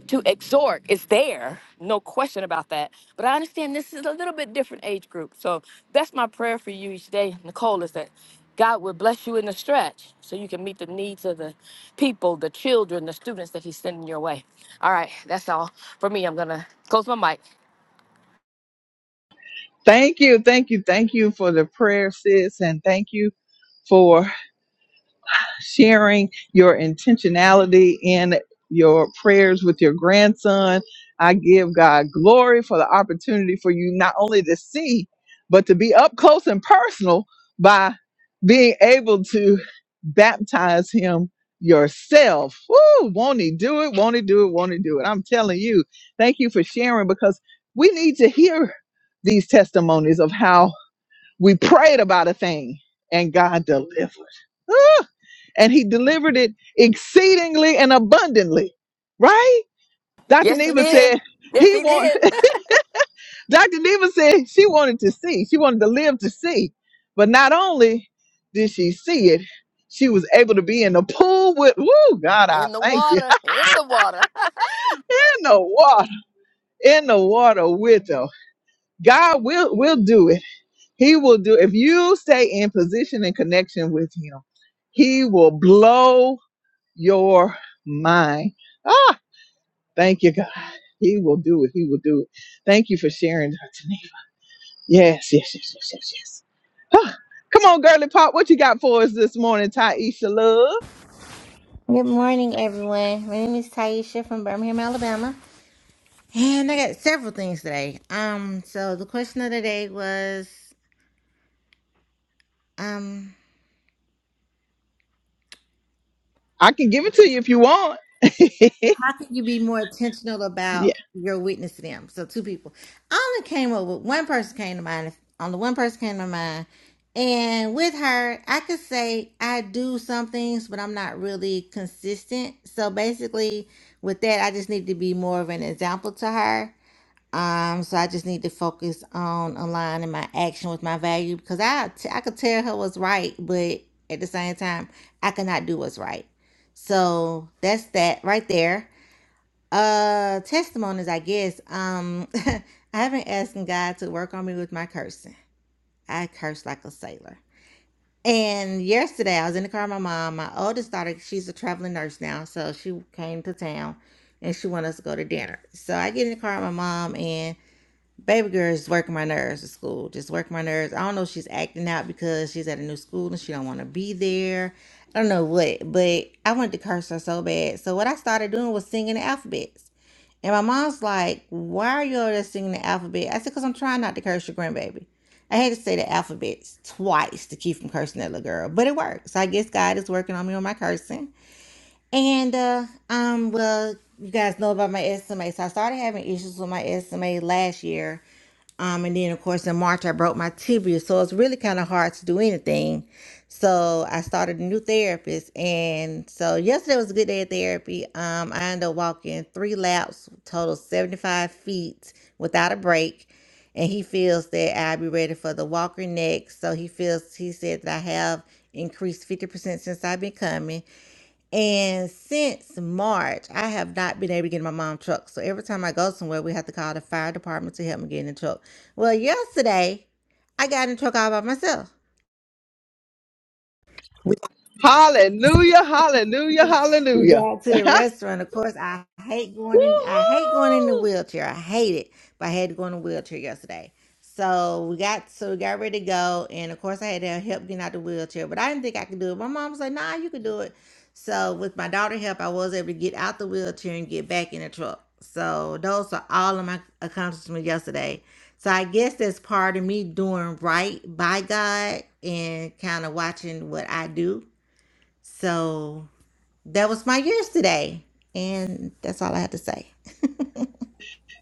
[SPEAKER 7] to exhort is there, no question about that. But I understand this is a little bit different age group. So that's my prayer for you each day, Nicole, is that God would bless you in the stretch so you can meet the needs of the people, the children, the students that he's sending your way. All right, that's all for me. I'm gonna close my mic.
[SPEAKER 1] Thank you, thank you, thank you for the prayer, sis, and thank you for sharing your intentionality in your prayers with your grandson. I give God glory for the opportunity for you not only to see, but to be up close and personal by being able to baptize him yourself. Woo! Won't he do it? Won't he do it? Won't he do it? I'm telling you, thank you for sharing because we need to hear these testimonies of how we prayed about a thing and God delivered. Ah! and he delivered it exceedingly and abundantly. Right? Dr.
[SPEAKER 7] Yes, he
[SPEAKER 1] Neva
[SPEAKER 7] did.
[SPEAKER 1] said
[SPEAKER 7] Yes,
[SPEAKER 1] he
[SPEAKER 7] he
[SPEAKER 1] want
[SPEAKER 7] did.
[SPEAKER 1] Dr. Neva said she wanted to see. She wanted to live to see. But not only did she see it, she was able to be in the pool with woo, God, I
[SPEAKER 7] In the
[SPEAKER 1] thank you.
[SPEAKER 7] water, in the water.
[SPEAKER 1] In the water. In the water with her. God will will do it. He will do, if you stay in position and connection with him, he will blow your mind. Ah, thank you, God. He will do it. He will do it. Thank you for sharing, Dr. Neva. Yes, yes, yes, yes, yes, yes. Ah, come on, girly pop. What you got for us this morning, Taisha Love?
[SPEAKER 8] Good morning, everyone. My name is Taisha from Birmingham, Alabama, and I got several things today. Um, so the question of the day was, um,
[SPEAKER 1] I can give it to you if you want.
[SPEAKER 8] how can you be more intentional
[SPEAKER 1] Yeah.
[SPEAKER 8] about your witness to them? So two people. I only came up with one person came to mind. On the one person came to mind, and with her, I could say I do some things, but I'm not really consistent. So basically, with that, I just need to be more of an example to her Um, so I just need to focus on aligning my action with my value because I t- I could tell her what's right, but at the same time, I cannot do what's right. So that's that right there. Uh, testimonies, I guess. Um, I haven't asked God to work on me with my cursing. I curse like a sailor. And yesterday, I was in the car with my mom. My oldest daughter, she's a traveling nurse now, so she came to town, and she wanted us to go to dinner. So I get in the car with my mom and Baby girl is working my nerves at school. Just working my nerves. I don't know if she's acting out because she's at a new school and she don't want to be there. I don't know what, but I wanted to curse her so bad. So what I started doing was singing the alphabets. And my mom's like, "Why are you over there singing the alphabet?" I said, "Cause I'm trying not to curse your grandbaby." I had to say the alphabets twice to keep from cursing that little girl, but it worked. So I guess God is working on me on my cursing. And uh, um, well, you guys know about my SMA. So I started having issues with my SMA last year um, and then of course in March I broke my tibia, so it's really kind of hard to do anything. So I started a new therapist, and so yesterday was a good day of therapy. Um, I ended up walking three laps, total seventy five feet without a break, and he feels that I'll be ready for the walker next. So he feels he said that I have increased fifty percent since I've been coming. And since March, I have not been able to get in my mom's truck. So every time I go somewhere, we have to call the fire department to help me get in the truck. Well, yesterday, I got in the truck all by myself.
[SPEAKER 1] Hallelujah, hallelujah,
[SPEAKER 8] We
[SPEAKER 1] hallelujah.
[SPEAKER 8] got to the restaurant. Of course, I hate going in. I hate going in the
[SPEAKER 9] Woohoo!
[SPEAKER 8] wheelchair. I hate it, but I had to go in the wheelchair yesterday. So we got so we got ready to go, and of course, I had to help getting out the wheelchair. But I didn't think I could do it. My mom was like, "Nah, you can do it." So with my daughter's help, I was able to get out the wheelchair and get back in the truck. So those are all of my accomplishments yesterday. So I guess that's part of me doing right by God and kind of watching what I do. So that was my years today. And that's all I have to say.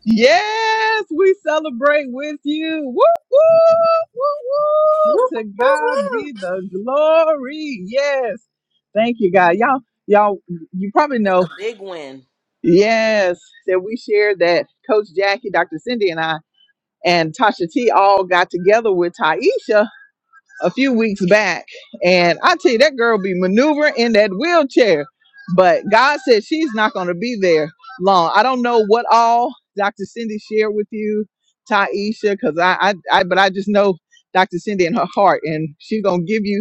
[SPEAKER 1] yes, we celebrate with you. Woo, woo,
[SPEAKER 3] Woo,
[SPEAKER 1] woo,
[SPEAKER 3] woo,
[SPEAKER 1] woo. To God
[SPEAKER 3] woo.
[SPEAKER 1] be the glory. Yes. Thank you, God. Y'all, y'all, you probably
[SPEAKER 9] It's
[SPEAKER 1] know
[SPEAKER 9] a big win.
[SPEAKER 1] Yes, that we shared that Coach Jackie, Dr. Cindy, and I, and Tasha T all got together with Taisha a few weeks back. And I tell you, that girl be maneuvering in that wheelchair. But God said she's not going to be there long. I don't know what all Dr. Cindy shared with you, Taisha, because I, I, I, but I just know Dr. Cindy in her heart, and she's going to give you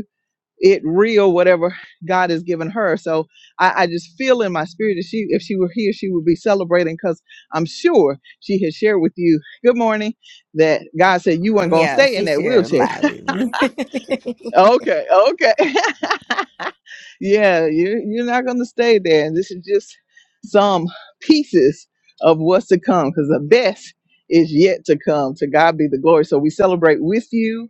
[SPEAKER 1] it real whatever God has given her. So I, I just feel in my spirit that she, if she were here, she would be celebrating because I'm sure she has shared with you, good morning, that God said you weren't gonna
[SPEAKER 8] Yeah,
[SPEAKER 1] stay in
[SPEAKER 8] she
[SPEAKER 1] that
[SPEAKER 8] shared a
[SPEAKER 1] wheelchair.
[SPEAKER 8] lot with me.
[SPEAKER 1] Okay, okay. yeah, you are you're not gonna stay there. And this is just some pieces of what's to come because the best is yet to come. To God be the glory. So we celebrate with you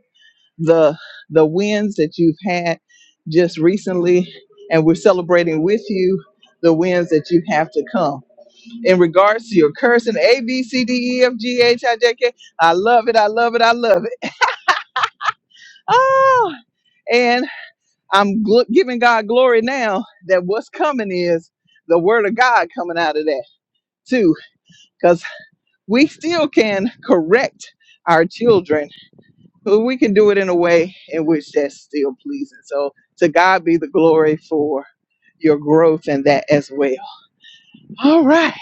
[SPEAKER 1] the the wins that you've had just recently and we're celebrating with you the wins that you have to come in regards to your cursing a b c d e f g h i j k i love it i love it i love it ah and i'm gl- giving god glory now that what's coming is the word of god coming out of that too because we still can correct our children but we can do it in a way in which that's still pleasing. So to God be the glory for your growth in that as well. All right.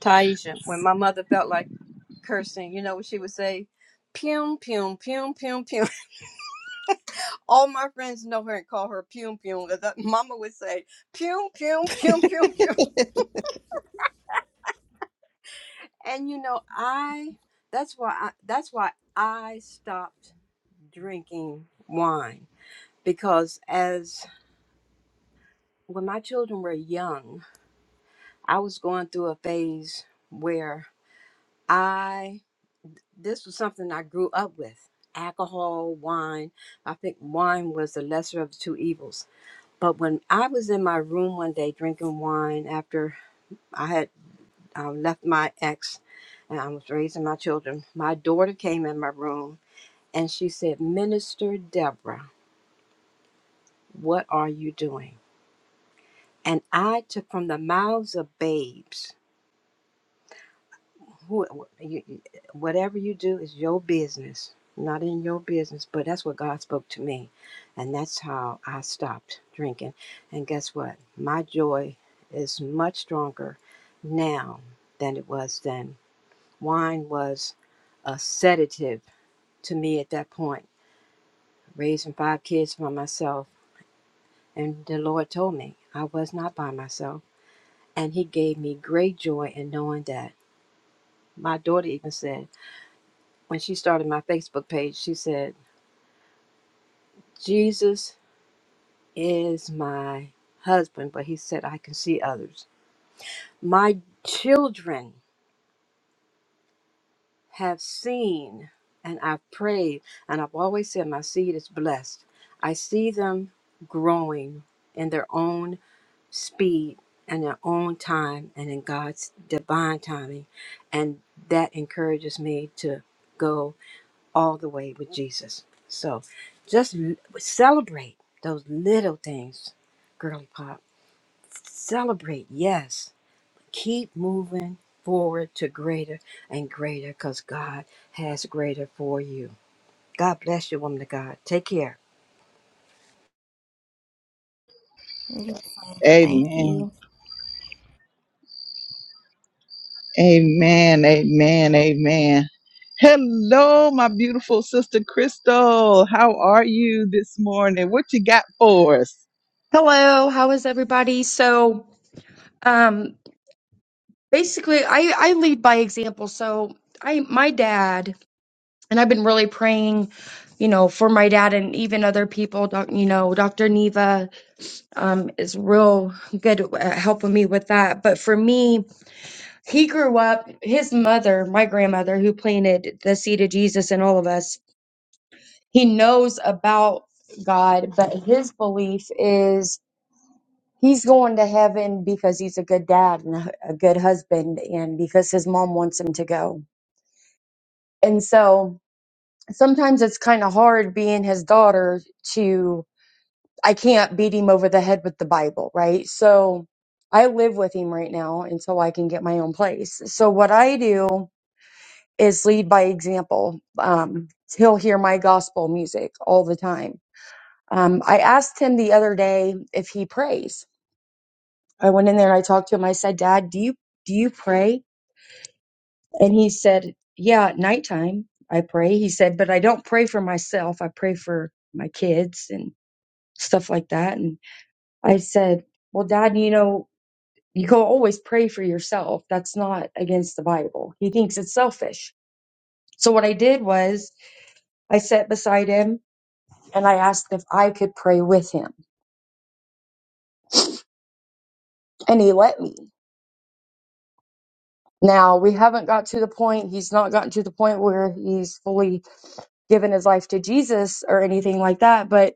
[SPEAKER 3] Taisha, when my mother felt like cursing, you know what she would say? Pum, pum, pum, pum, pum. All my friends know her and call her pum, pum. That mama would say, pum, pum, pum, pum, pum. And you know, I, that's why I, that's why I stopped drinking wine because as when my children were young, I was going through a phase where I this was something I grew up with. Alcohol, wine. I think wine was the lesser of the two evils. But when I was in my room one day drinking wine after I had um, left my ex and I was raising my children, my daughter came in my room and she said, Minister Deborah, what are you doing? And I took from the mouths of babes who you, whatever you do is your business not in your business but that's what god spoke to me and that's how i stopped drinking and guess what my joy is much stronger now than it was then wine was a sedative to me at that point raising five kids by myself and the lord told me i was not by myself and he gave me great joy in knowing that my daughter even said when she started my Facebook page, she said, Jesus is my husband, but he said, I can see others. My children have seen and I've prayed, and I've always said, My seed is blessed. I see them growing in their own speed and their own time and in God's divine timing. And that encourages me to go. all the way with Jesus. So just l- celebrate those little things, girly pop. Celebrate, yes. Keep moving forward to greater and greater because God has greater for you. God bless you, woman of God. Take care.
[SPEAKER 8] Yes. Thank you.
[SPEAKER 1] Amen. Amen. Amen. Amen. Hello, my beautiful sister Crystal. How are you this morning? What you got for us?
[SPEAKER 10] Hello, how is everybody? So, um, basically, I, I lead by example. So, I my dad and I've been really praying, you know, for my dad and even other people. Doc, you know, Dr. Neva um, is real good at helping me with that. But for me, he grew up. His mother, my grandmother, who planted the seed of Jesus in all of us, he knows about God, but his belief is. He's going to heaven because he's a good dad and a a good husband and because his mom wants him to go. And so sometimes it's kind of hard being his daughter to, I can't beat him over the head with the Bible, right? So I live with him right now and so I can get my own place. So what I do is lead by example. Um, he'll hear my gospel music all the time. Um, I asked him the other day if he prays I went in there and I talked to him. I said, Dad, do you do you pray? And he said, Yeah, at nighttime I pray. He said, But I don't pray for myself. I pray for my kids and stuff like that. And I said, Well, Dad, you know, you can always pray for yourself. That's not against the Bible. He thinks it's selfish. So what I did was I sat beside him and I asked if I could pray with him. And he let me. Now we haven't got to the point, he's not gotten to the point where he's fully given his life to Jesus or anything like that, but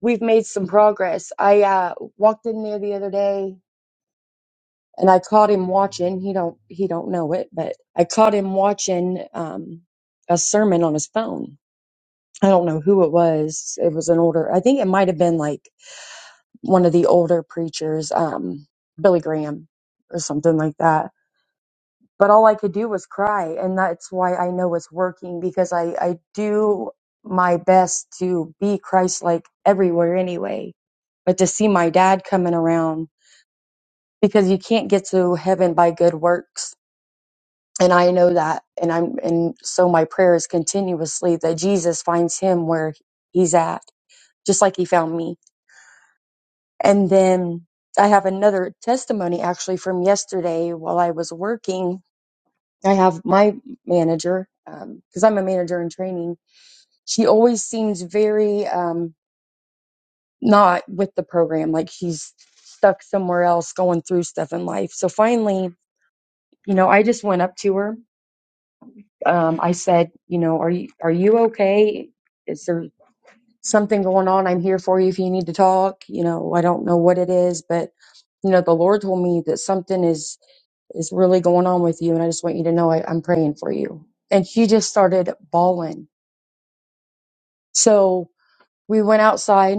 [SPEAKER 10] we've made some progress. I uh, walked in there the other day and I caught him watching. He don't he don't know it, but I caught him watching um, a sermon on his phone. I don't know who it was. It was an older. I think it might have been like one of the older preachers, um, Billy Graham or something like that but all I could do was cry. And that's why I know it's working because I, I do my best to be Christ like everywhere anyway. But to see my dad coming around because you can't get to heaven by good works. And I know that. And I'm, and so my prayer is continuously that Jesus finds him where he's at, just like he found me. And then I have another testimony actually from yesterday while I was working I have my manager because I'm a manager in training. She always seems very um, not with the program, like she's stuck somewhere else, going through stuff in life. So finally, you know, I just went up to her. Um, I said, you know, are you are you okay? Is there something going on? I'm here for you if you need to talk. You know, I don't know what it is, but you know, the Lord told me that something is is really going on with you, and I just want you to know I, I'm praying for you. And she just started bawling So we went outside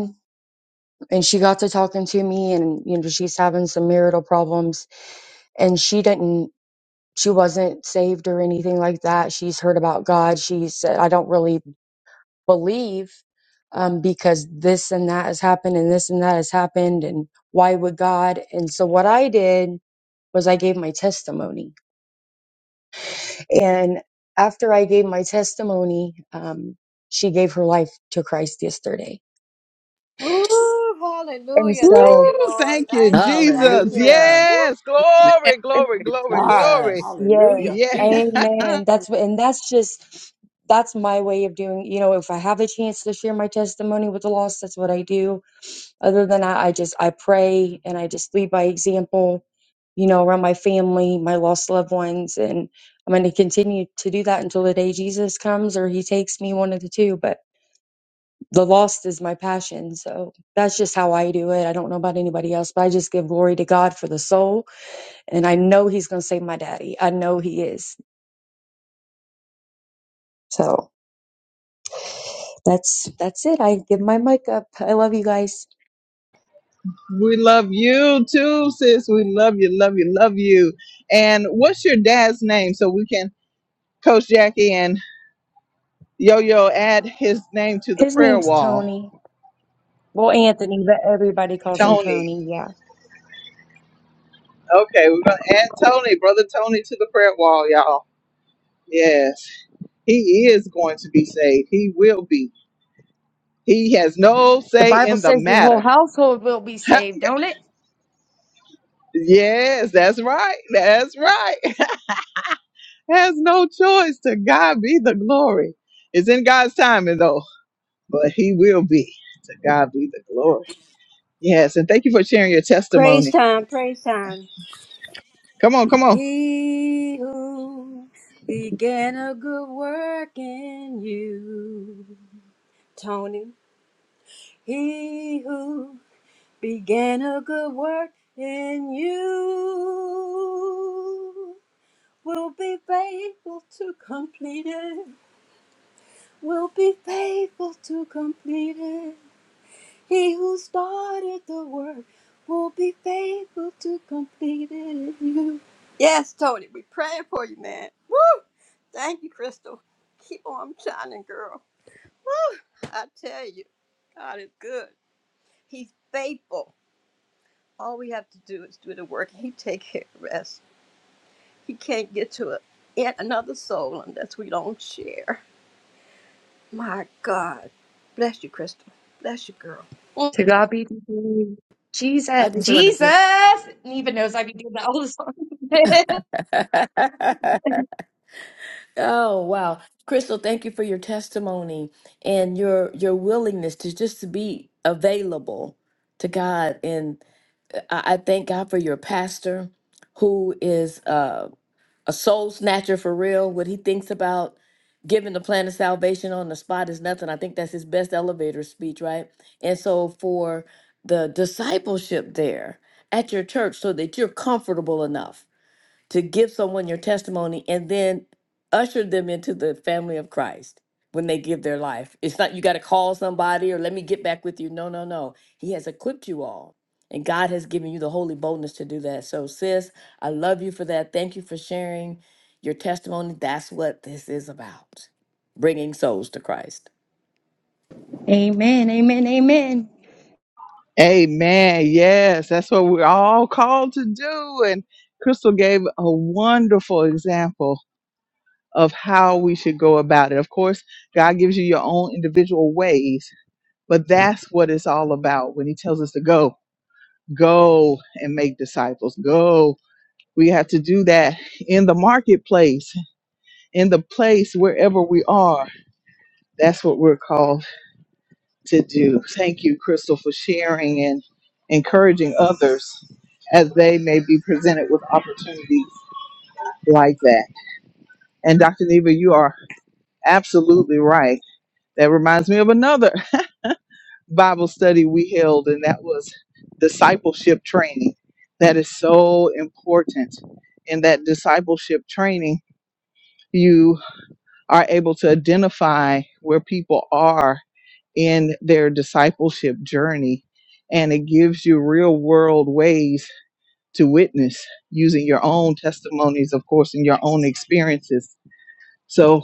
[SPEAKER 10] and she got to talking to me and you know she's having some marital problems and she didn't she wasn't saved or anything like that. She's heard about God. She said I don't really believe um because this and that has happened and this and that has happened and why would God? And so what I did was I gave my testimony. And after I gave my testimony, um she gave her life to Christ yesterday.
[SPEAKER 3] Woo,
[SPEAKER 10] And
[SPEAKER 3] hallelujah.
[SPEAKER 1] Woo!
[SPEAKER 3] Thank
[SPEAKER 10] so
[SPEAKER 3] you, Lord.
[SPEAKER 1] Thank you,
[SPEAKER 3] Thank you. Thank
[SPEAKER 1] Jesus.
[SPEAKER 3] you.
[SPEAKER 7] Hallelujah.
[SPEAKER 1] Yes,
[SPEAKER 11] Man,
[SPEAKER 1] glory, glory, glory,
[SPEAKER 11] God.
[SPEAKER 1] glory.
[SPEAKER 7] Jesus.
[SPEAKER 10] Yes,
[SPEAKER 11] Hallelujah.
[SPEAKER 1] Yes.
[SPEAKER 7] Jesus.
[SPEAKER 10] amen. That's what, and that's just that's my way of doing. You know, if I have a chance to share my testimony with the lost, that's what I do. Other than that, I just I pray and I just lead by example. You know, around my family, my lost loved ones, and I'm going to continue to do that until the day Jesus comes or He takes me, one of the two. But the lost is my passion, so that's just how I do it. I don't know about anybody else, but I just give glory to God for the soul, and I know He's going to save my daddy. I know He is. So that's that's it. I give my mic up. I love you guys.
[SPEAKER 1] We love you too, sis. We love you, love you, love you. And what's your dad's name so we can Coach Jackie and Yo Yo add his name to the
[SPEAKER 10] His
[SPEAKER 1] prayer
[SPEAKER 10] name's
[SPEAKER 1] wall?
[SPEAKER 10] Tony. Well, Anthony, but everybody calls him
[SPEAKER 1] Tony.
[SPEAKER 10] Tony. Yeah.
[SPEAKER 1] Okay, we're gonna add Tony, brother Tony, to the prayer wall, y'all. Yes, he is going to be saved. He will be. He has no
[SPEAKER 10] The
[SPEAKER 1] say
[SPEAKER 10] Bible
[SPEAKER 1] in the
[SPEAKER 10] says your whole
[SPEAKER 1] matter.
[SPEAKER 10] household will be saved, don't it?
[SPEAKER 1] yes, that's right. That's right. has no choice. To God be the glory. It's in God's timing, though. but he will be. To God be the glory. Yes, and thank you for sharing your
[SPEAKER 3] Praise
[SPEAKER 1] testimony.
[SPEAKER 3] time. Praise time.
[SPEAKER 1] Come on, come on.
[SPEAKER 3] He who began a good work in you. Tony He who began a good work in you will be faithful to complete it. Will be faithful to complete it. He who started the work will be faithful to complete it in you. Yes, Tony, we praying for you, man. Woo! Thank you, Crystal. Keep on shining, girl. Woo! I tell you, God is good. He's faithful. All we have to do is do the work. He take care of the rest. He can't get to a, yet another soul unless we don't share. My God. Bless you, Crystal. Bless you, girl.
[SPEAKER 10] To God be the glory.
[SPEAKER 7] I
[SPEAKER 10] Jesus,
[SPEAKER 7] just wanted
[SPEAKER 10] Jesus.
[SPEAKER 7] to
[SPEAKER 10] And Even knows I be doing that all the time.
[SPEAKER 7] Oh, wow. Crystal, thank you for your testimony and your your willingness to just to be available to God. And I, I thank God for your pastor who is uh, a soul snatcher for real. What he thinks about giving the plan of salvation on the spot is nothing. I think that's his best elevator speech, right? And so for the discipleship there at your church so that you're comfortable enough to give someone your testimony and then usher them into the family of Christ when they give their life. It's not you got to call somebody or let me get back with you. No, no, no. He has equipped you all. And God has given you the holy boldness to do that. So, sis, I love you for that. Thank you for sharing your testimony. That's what this is about bringing souls to Christ.
[SPEAKER 10] amen. Amen. Amen.
[SPEAKER 1] Amen. Yes, that's what we're all called to do. And Crystal gave a wonderful example of how we should go about it. Of course, God gives you your own individual ways, but that's what it's all about when He tells us to go. Go and make disciples. Go We have to do that in the marketplace, in the place wherever we are. That's what we're called to do. Thank you, Crystal, for sharing and encouraging others as they may be presented with opportunities like that. And Dr. Neva, you are absolutely right. That reminds me of another Bible study we held, and that was discipleship training. That is so important. In that discipleship training, you are able to identify where people are in their discipleship journey. And it gives you real world ways to witness using your own testimonies, of course, and your own experiences. So,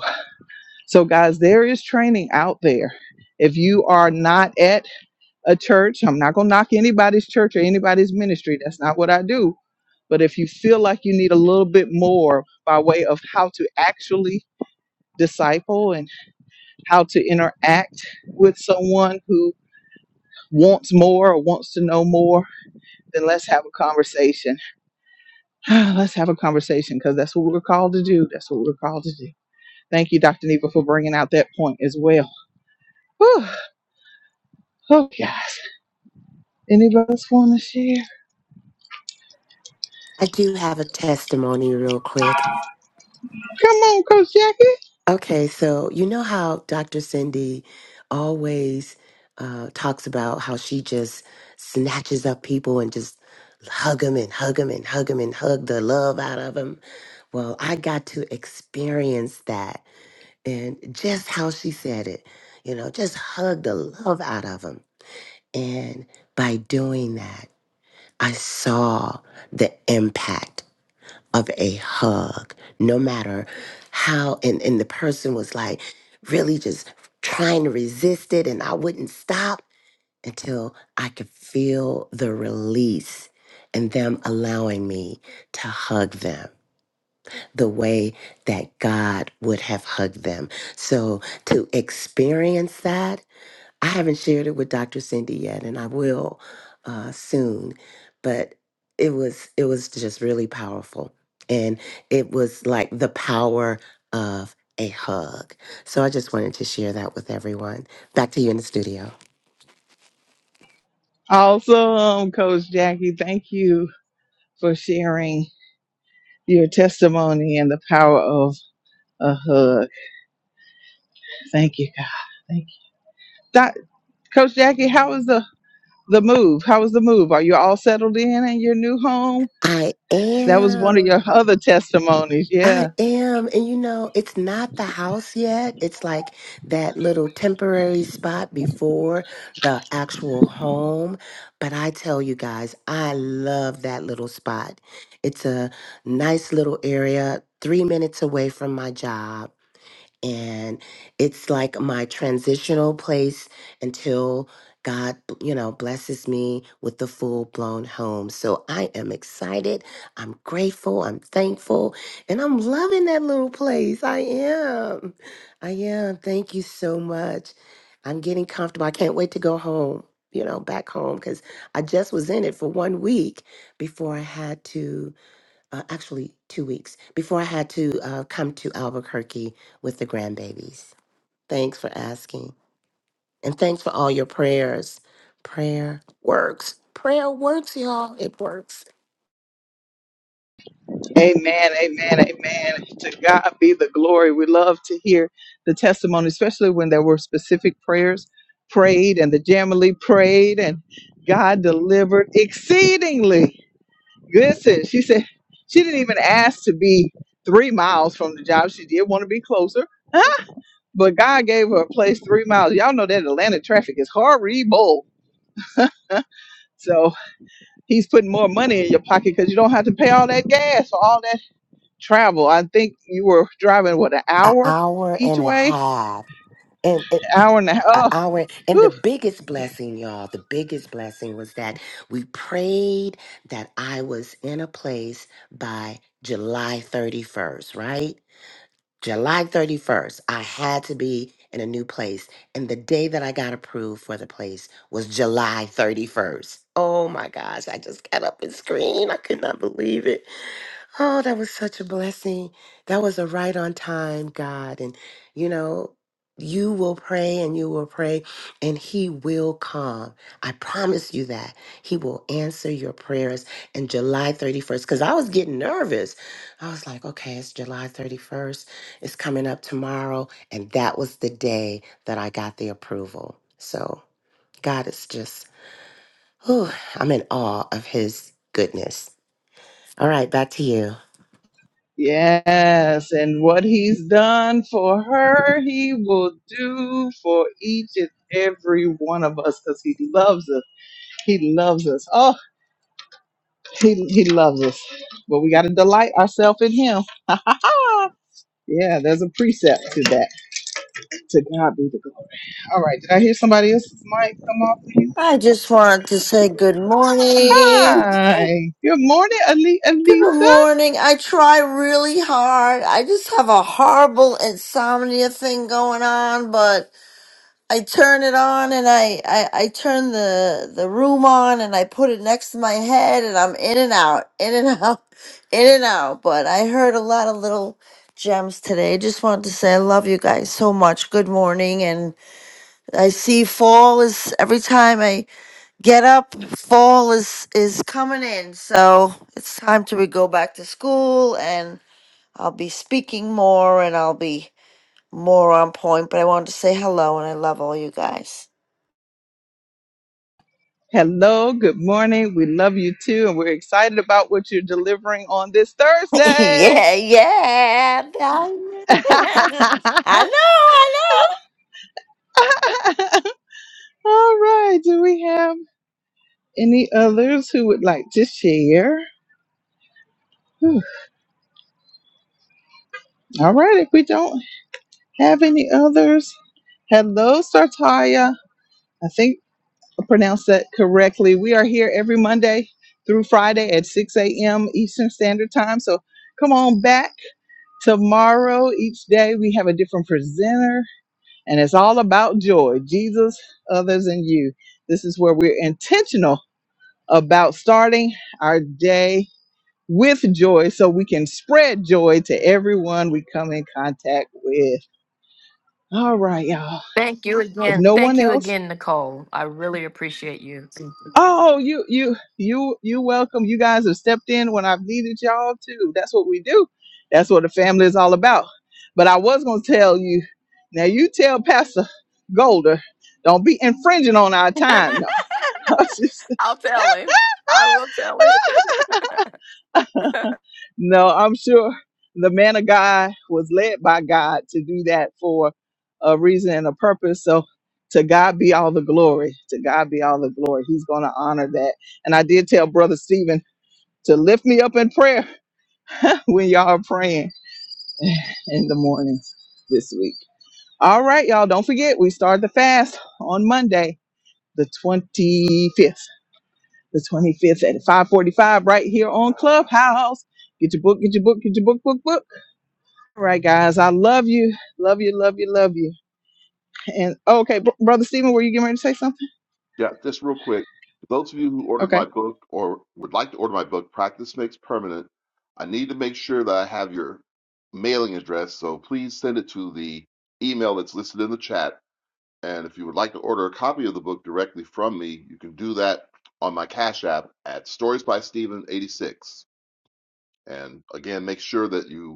[SPEAKER 1] so guys, there is training out there. If you are not at a church, I'm not going to knock anybody's church or anybody's ministry. That's not what I do. But if you feel like you need a little bit more by way of how to actually disciple and how to interact with someone who wants more or wants to know more, then let's have a conversation. let's have a conversation because that's what we're called to do. That's what we're called to do. Thank you, Dr. Neva, for bringing out that point as well. Whew. Oh, guys. Anybody else want to share?
[SPEAKER 5] I do have a testimony real quick.
[SPEAKER 1] Come on, Coach Jackie.
[SPEAKER 5] Okay, so you know how Dr. Cindy always uh, talks about how she just snatches up people and just hug them and hug them and hug them and hug the love out of them. Well, I got to experience that and just how she said it, you know, just hug the love out of them. And by doing that, I saw the impact of a hug, no matter how. And, and the person was like really just trying to resist it, and I wouldn't stop until I could feel the release and them allowing me to hug them the way that God would have hugged them. So to experience that. I haven't shared it with Dr. Cindy yet, and I will uh, soon. But it was it was just really powerful, and it was like the power of a hug. So I just wanted to share that with everyone. Back to you in the studio.
[SPEAKER 1] Awesome, Coach Jackie. Thank you for sharing your testimony and the power of a hug. Thank you, God. Thank you. Doc, Coach Jackie, how is the? the move? How was the move? Are you all settled in in your new home?
[SPEAKER 5] I
[SPEAKER 1] That was one of
[SPEAKER 5] am.
[SPEAKER 1] your other testimonies. Yeah.
[SPEAKER 5] I am. And you know, it's not the house yet. It's like that little temporary spot before the actual home. But I tell you guys, I love that little spot. It's a nice little area, three minutes away from my job and it's like my transitional place until God, you know, blesses me with the full blown home. So I am excited. I'm grateful. I'm thankful. And I'm loving that little place. I am. I am. Thank you so much. I'm getting comfortable. I can't wait to go home, you know, back home because I just was in it for one week before I had to uh, actually two weeks before I had to uh, come to Albuquerque with the grandbabies. Thanks for asking. And thanks for all your prayers. Prayer works. Prayer works, y'all. It works.
[SPEAKER 1] Amen. Amen. Amen. To God be the glory. We love to hear the testimony, especially when there were specific prayers prayed and the Jamily prayed and God delivered exceedingly. Listen, she said she didn't even ask to be three miles from the job. She did want to be closer. But God gave her a place three miles. Y'all know that Atlanta traffic is horrible. So he's putting more money in your pocket because you don't have to pay all that gas or all that travel. I think you were driving what an
[SPEAKER 5] An
[SPEAKER 1] hour
[SPEAKER 5] hour
[SPEAKER 1] each
[SPEAKER 5] and a
[SPEAKER 1] way,
[SPEAKER 5] half. And it,
[SPEAKER 1] An hour and a half.
[SPEAKER 5] an
[SPEAKER 1] Oh,
[SPEAKER 5] hour. And the
[SPEAKER 1] whew.
[SPEAKER 5] biggest blessing, y'all, the biggest blessing was that we prayed that I was in a place by July 31st, right? July 31st, I had to be in a new place. And the day that I got approved for the place was July 31st. Oh my gosh, I just got up and screamed. I could not believe it. Oh, that was such a blessing. That was a right on time, God. And, you know, you will pray and you will pray and he will come. I promise you that. He will answer your prayers. And July 31st, because I was getting nervous. I was like, okay, it's July 31st. It's coming up tomorrow. And that was the day that I got the approval. So God is just, whew, I'm in awe of his goodness. All right, back to you.
[SPEAKER 1] Yes, and what he's done for her, he will do for each and every one of us because he loves us. He loves us. Oh, he, he loves us. But we got to delight ourselves in him. yeah, there's a precept to that. To God be the glory. All right, did I hear somebody else's mic come off of you?
[SPEAKER 12] I just wanted to say good morning.
[SPEAKER 1] Hi. Good morning, Ali-
[SPEAKER 12] Good
[SPEAKER 1] Alisa.
[SPEAKER 12] morning. I try really hard. I just have a horrible insomnia thing going on, but I turn it on and I, I, I turn the, the room on and I put it next to my head and I'm in and out, in and out, in and out. But I heard a lot of little gems today. Just wanted to say I love you guys so much. Good morning. And I see fall is every time I get up. Fall is is coming in, so it's time to go back to school, and I'll be speaking more, and I'll be more on point. But I wanted to say hello, and I love all you guys.
[SPEAKER 1] Hello, good morning. We love you too, and we're excited about what you're delivering on this Thursday.
[SPEAKER 12] yeah, yeah. I
[SPEAKER 1] All
[SPEAKER 12] know, I know.
[SPEAKER 1] right, do we have any others who would like to share? Whew. All right, if we don't have any others, hello, Sartaya. I think I pronounced that correctly. We are here every Monday through Friday at 6 a.m. Eastern Standard Time. So come on back. Tomorrow, each day, we have a different presenter, and it's all about joy Jesus, others, and you. This is where we're intentional about starting our day with joy so we can spread joy to everyone we come in contact with. All right, y'all.
[SPEAKER 7] Thank you
[SPEAKER 1] If
[SPEAKER 7] again.
[SPEAKER 1] no one
[SPEAKER 7] Thank you
[SPEAKER 1] else,
[SPEAKER 7] again, Nicole. I really appreciate you.
[SPEAKER 1] Oh, you you you you welcome. You guys have stepped in when I've needed y'all too. That's what we do. That's what the family is all about. But I was gonna tell you, now you tell Pastor Golder, don't be infringing on our time. No. I was just-
[SPEAKER 7] I'll tell him. I will tell him.
[SPEAKER 1] No, I'm sure the man of God was led by God to do that for a reason and a purpose. So to God be all the glory. To God be all the glory. He's going to honor that. And I did tell Brother Stephen to lift me up in prayer when y'all are praying in the mornings this week. All right, y'all. Don't forget, we start the fast on Monday, the 25th. The 25th at 545 right here on Clubhouse. Get your book, get your book, get your book, book, book All right, guys. I love you. Love you, love you, love you. And oh, okay, br- Brother Stephen, were you getting ready to say something?
[SPEAKER 4] Yeah, just real quick, for those of you who ordered
[SPEAKER 1] Okay.
[SPEAKER 4] my book or would like to order my book, Practice Makes Permanent, I need to make sure that I have your mailing address, so please send it to the email that's listed in the chat. And if you would like to order a copy of the book directly from me, you can do that on my Cash App at Stories by Steven 86. And again, make sure that you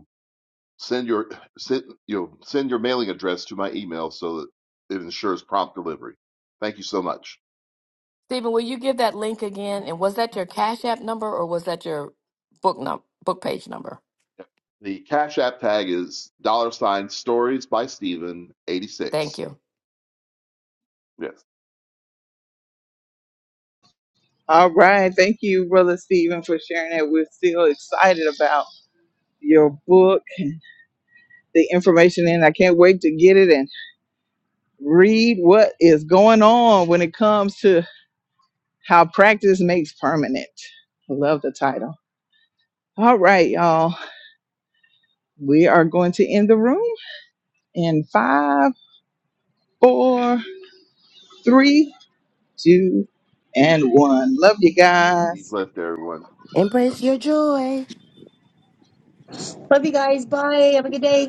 [SPEAKER 4] Send your send you know, send your mailing address to my email so that it ensures prompt delivery. Thank you so much.
[SPEAKER 7] Stephen, will you give that link again? And was that your Cash App number or was that your book num book page number?
[SPEAKER 4] The Cash App tag is dollar sign stories by Steven
[SPEAKER 7] Thank
[SPEAKER 4] 86.
[SPEAKER 7] you.
[SPEAKER 4] Yes.
[SPEAKER 1] All right. Thank you, Brother Stephen, for sharing that. We're still excited about your book and the information, and I can't wait to get it and read what is going on when it comes to how practice makes permanent. I love the title. All right, y'all. We are going to end the room in five, four, three, two, and one. Love you
[SPEAKER 4] Hey, Heath
[SPEAKER 1] guys.
[SPEAKER 4] left everyone.
[SPEAKER 5] Embrace your joy.
[SPEAKER 10] Love you guys. Bye. Have a good day.